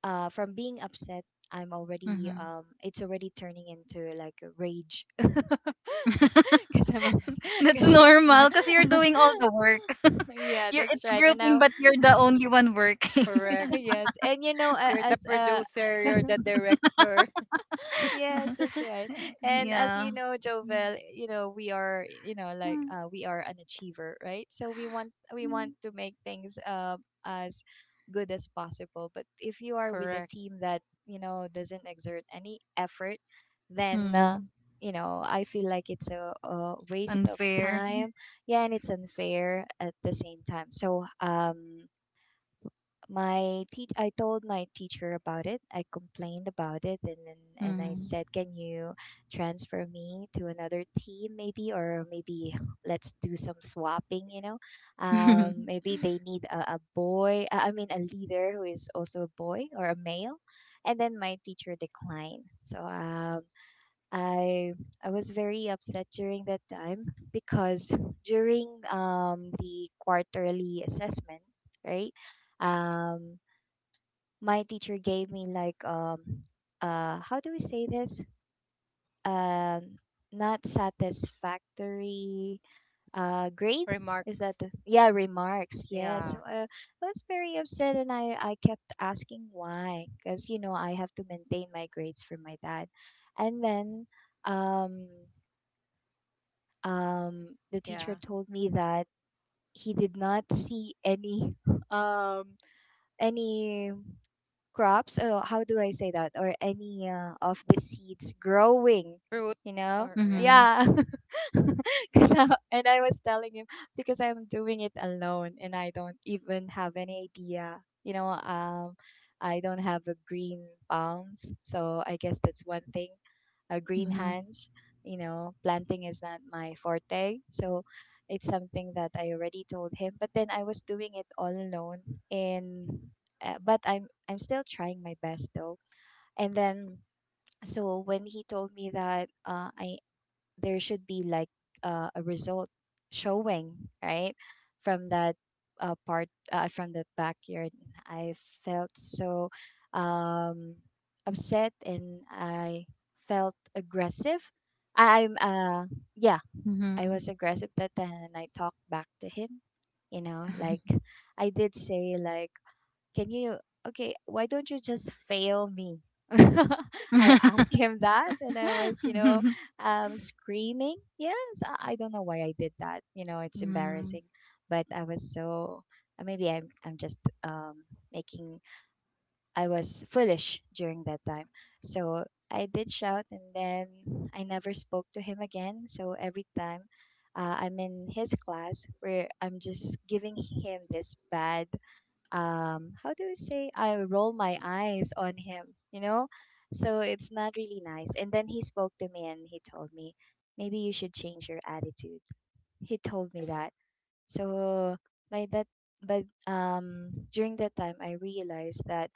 from being upset, I'm already,
Mm-hmm.
it's already turning into like a rage because I'm upset
That's
because, yeah.
normal because you're doing all the work.
Yeah,
You're,
that's
it's
right. And
grouping,
now
but you're the only one working.
Correct.
yes. And you know, a-
You're the
as
producer, you're the director.
yes, that's right. And as you
Yeah.
know, Jovel, you know, we are, you know, like,
Mm-hmm.
we are an achiever, right? So we want we
Hmm.
want to make things as good as possible. But if you are with a
Correct.
team that, you know, doesn't exert any effort, then, you know, I feel like it's a waste of
Unfair.
time. Yeah, and it's unfair at the same time. So, my teach I told my teacher about it. I complained about it, and then and I
Hmm.
said, "Can you transfer me to another team, maybe, or maybe let's do some swapping, you know? Maybe they need a boy, I mean a leader who is also a boy or a male." And then my teacher declined. So I I was very upset during that time, because during the quarterly assessment, right? Um my teacher gave me like, how do we say this? Um Not satisfactory grade. Is that
Remarks.
the, yeah, remarks, yeah. So,
Yeah.
I was very upset and I kept asking why, because, you know, I have to maintain my grades for my dad. And then, um the teacher
Yeah.
told me that he did not see any um, any crops, or how do I say that, or any, of the seeds growing,
Fruit.
you know.
Or yeah.
Mhm.
Yeah. Cuz, and I was telling him, because I'm doing it alone and I don't even have any idea, you know. I don't have a green palms, so I guess that's one thing, a green
Mhm.
hands, you know. Planting is not my forte, so it's something that I already told him, but then I was doing it all alone in, but I'm still trying my best though. And then so when he told me that, I there should be like a result showing, right, from that part from that backyard, I felt so, um, upset, and I felt aggressive. I, I'm uh yeah, I
Mhm.
was aggressive that time, and I talked back to him. You know, like,
Mhm.
I did say like can you, okay, why don't you just fail me? I asked him that, and I was, you know, screaming, yes. I don't know why I did that, you know. It's
Mhm. Mhm.
embarrassing, but I was so, maybe I'm just making I was foolish during that time. So I did shout, and then I never spoke to him again. So every time, I'm in his class, where I'm just giving him this bad, how do you say I roll my eyes on him, you know? So it's not really nice. And then he spoke to me and he told me, "Maybe you should change your attitude." He told me that. So by that, but during that time, I realized that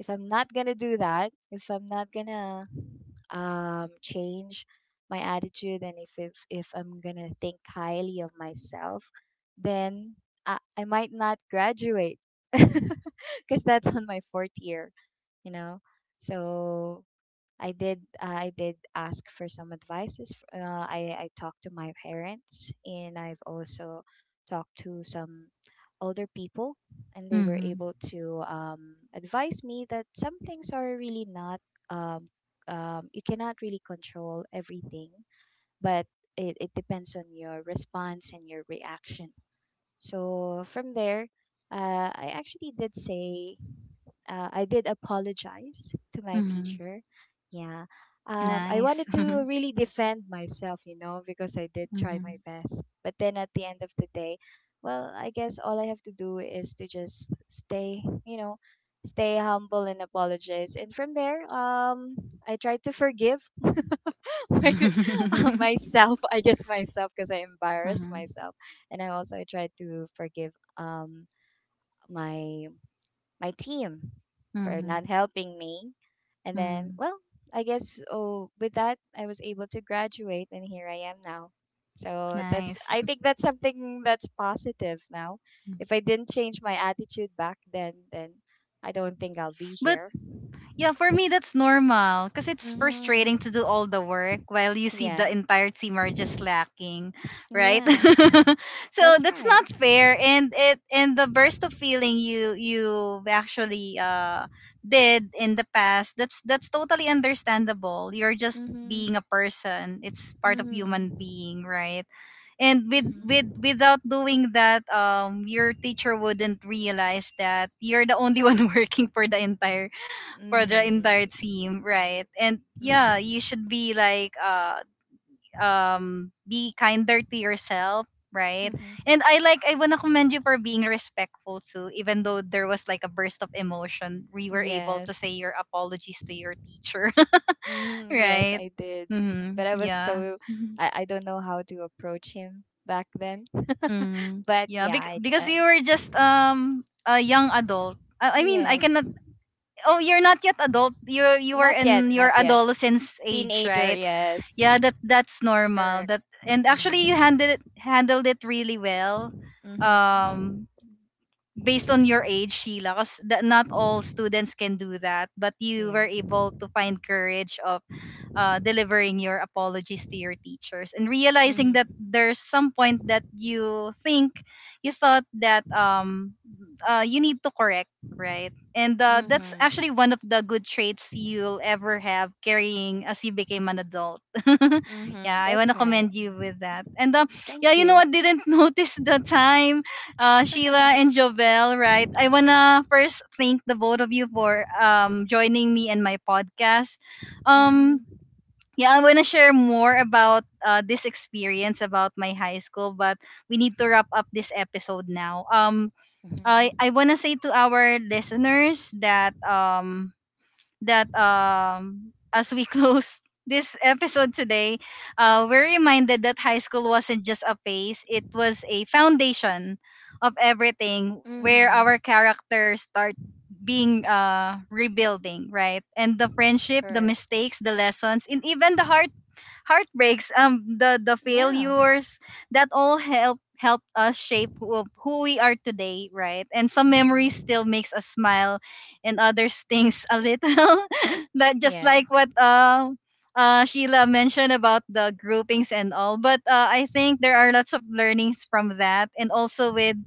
if I'm not gonna do that, if I'm not gonna change my attitude, and if I'm gonna think highly of myself, then I might not graduate because that's on my fourth year, you know. So I did ask for some advices. I talked to my parents, and I've also talked to some older people, and they were able to, advise me that some things are really not, um, you cannot really control everything, but it depends on your response and your reaction. So from there, uh, i actually did say I did apologize to my
Mhm.
teacher. Yeah. I
Nice.
wanted to really defend myself, you know, because I did try my
Mhm.
best. But then at the end of the day, well, I guess all I have to do is to just stay, you know, stay humble and apologize. And from there, I tried to forgive my, myself, I guess, myself, because I embarrassed
Mhm.
myself. And I also tried to forgive, my my team for
Mhm.
not helping me. And then,
Mhm.
well, I guess, oh, with that, I was able to graduate, and here I am now. So that's,
Nice.
I think that's something that's positive now. If I didn't change my attitude back then I don't think I'll be
But
here.
yeah, for
Mm-hmm.
me that's normal, because it's frustrating
Mm-hmm.
to do all the work while you see the
Yeah.
entire team are just slacking, right?
Yes.
So
That's
that's
right.
not fair, and it and the burst of feeling you actually did in the past, that's totally understandable. You're just
Mm-hmm.
being a person. It's part of
Mm-hmm.
human being, right? And with
Mm-hmm.
without doing that, your teacher wouldn't realize that you're the only one working for the
Mm-hmm.
entire team, right? And
Mm-hmm.
yeah, you should be like be kinder to yourself, right?
Mm-hmm.
And I like, I wanna commend you for being respectful too, even though there was like a burst of emotion, we were able to say
Yes.
your apologies to your teacher,
Mm, yes,
right?
I did. Mhm. But
Mm-hmm.
I was
Yeah.
so,
Mm-hmm.
I don't know how to approach him back then.
Mm-hmm.
But
Yeah,
yeah,
because you were just a young adult. I mean, I
yes.
cannot. Oh, you're not yet adult. You were
Not yet,
in your
not yet.
adolescence age,
Teenager,
right?
yes.
Yeah, that that's normal,
Correct.
that and actually you
Mm.
handled it really well
Mhm.
um based on your age, Sheila, because not all students can do that, but you were
Yeah.
able to find courage of delivering your apologies to your teachers and realizing that
Mhm.
there's some point that you thought that you need to correct, right? And that's
Mhm.
actually one of the good traits you'll ever have carrying as you became an adult. Yeah,
Mhm.
I want to
That's right.
commend you
Mhm.
with that. And yeah,
Thank
you know,
you.
I didn't notice the time, Sheila and Jovel, right? I wanna first thank the both of you for joining me in my podcast. Um,
Mhm.
yeah, I wanna share more about this experience about my high school, but we need to wrap up this episode now.
Mhm.
I wanna say to our listeners that as we close this episode today, we're reminded that high school wasn't just a phase, it was a foundation of everything where our
Mhm.
characters start being rebuilding, right? And the friendship, the
Correct.
mistakes, the lessons, and even the heartbreaks, the
Yeah.
failures that all help helped us shape who we are today, right? And some memories
Mhm.
still makes us smile, and others things a little. That just like what
Yes.
Sheila mentioned about the groupings and all, but I think there are lots of learnings from that, and also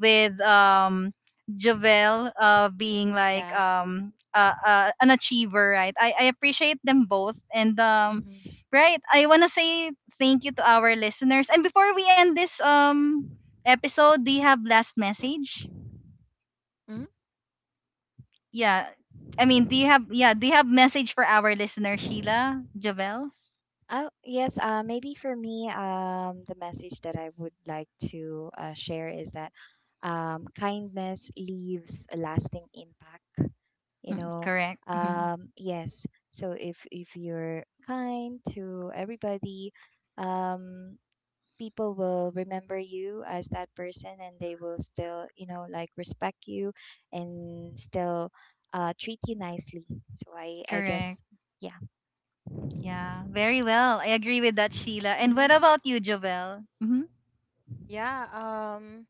with Javel being like
Yeah.
an achiever, right? I appreciate them both, and um.
Mhm.
Right, I want to say thank you to our listeners. And before we end this episode, do you have last message?
Mhm.
Yeah. I mean, do you have, yeah, do you have message for our listener, Sheila, Javel?
Oh, yes. Maybe for me, the message that I would like to, share is that, kindness leaves a lasting impact. You
Mm,
know,
correct. Mhm.
yes. So if you're kind to everybody, um, people will remember you as that person, and they will still, you know, like respect you and still, treat you nicely. So I
Correct.
guess, yeah.
Yeah. Very well. I agree with that, Sheila. And what
Mm-hmm.
about you, Javel? Mhm.
Yeah.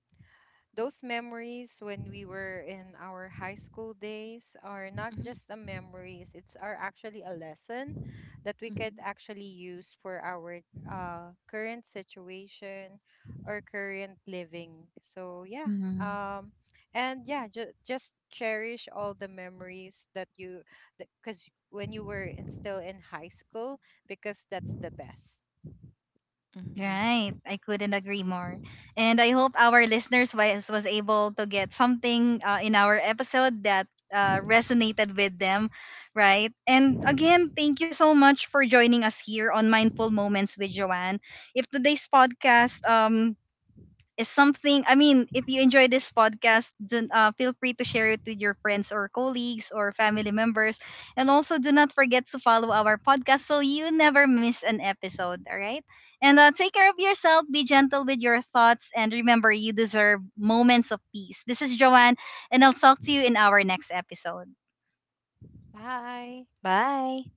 Those memories when we were in our high school days are not
Mm-hmm.
just a memories, it's are actually a lesson that we
Mm-hmm.
could actually use for our current situation or current living. So yeah,
Mhm.
um and yeah, just cherish all the memories that you, because when you were in, still in high school, because that's the best.
Mhm.
Right. I couldn't agree more. And I hope our listeners was able to get something in our episode that resonated with them, right? And again, thank you so much for joining us here on Mindful Moments with Joanne. If today's podcast is something, I mean, if you enjoy this podcast, do, feel free to share it with your friends or colleagues or family members, and also do not forget to follow our podcast so you never miss an episode, all right? And take care of yourself, be gentle with your thoughts, and remember you deserve moments of peace. This is Joanne, and I'll talk to you in our next episode.
Bye.
Bye.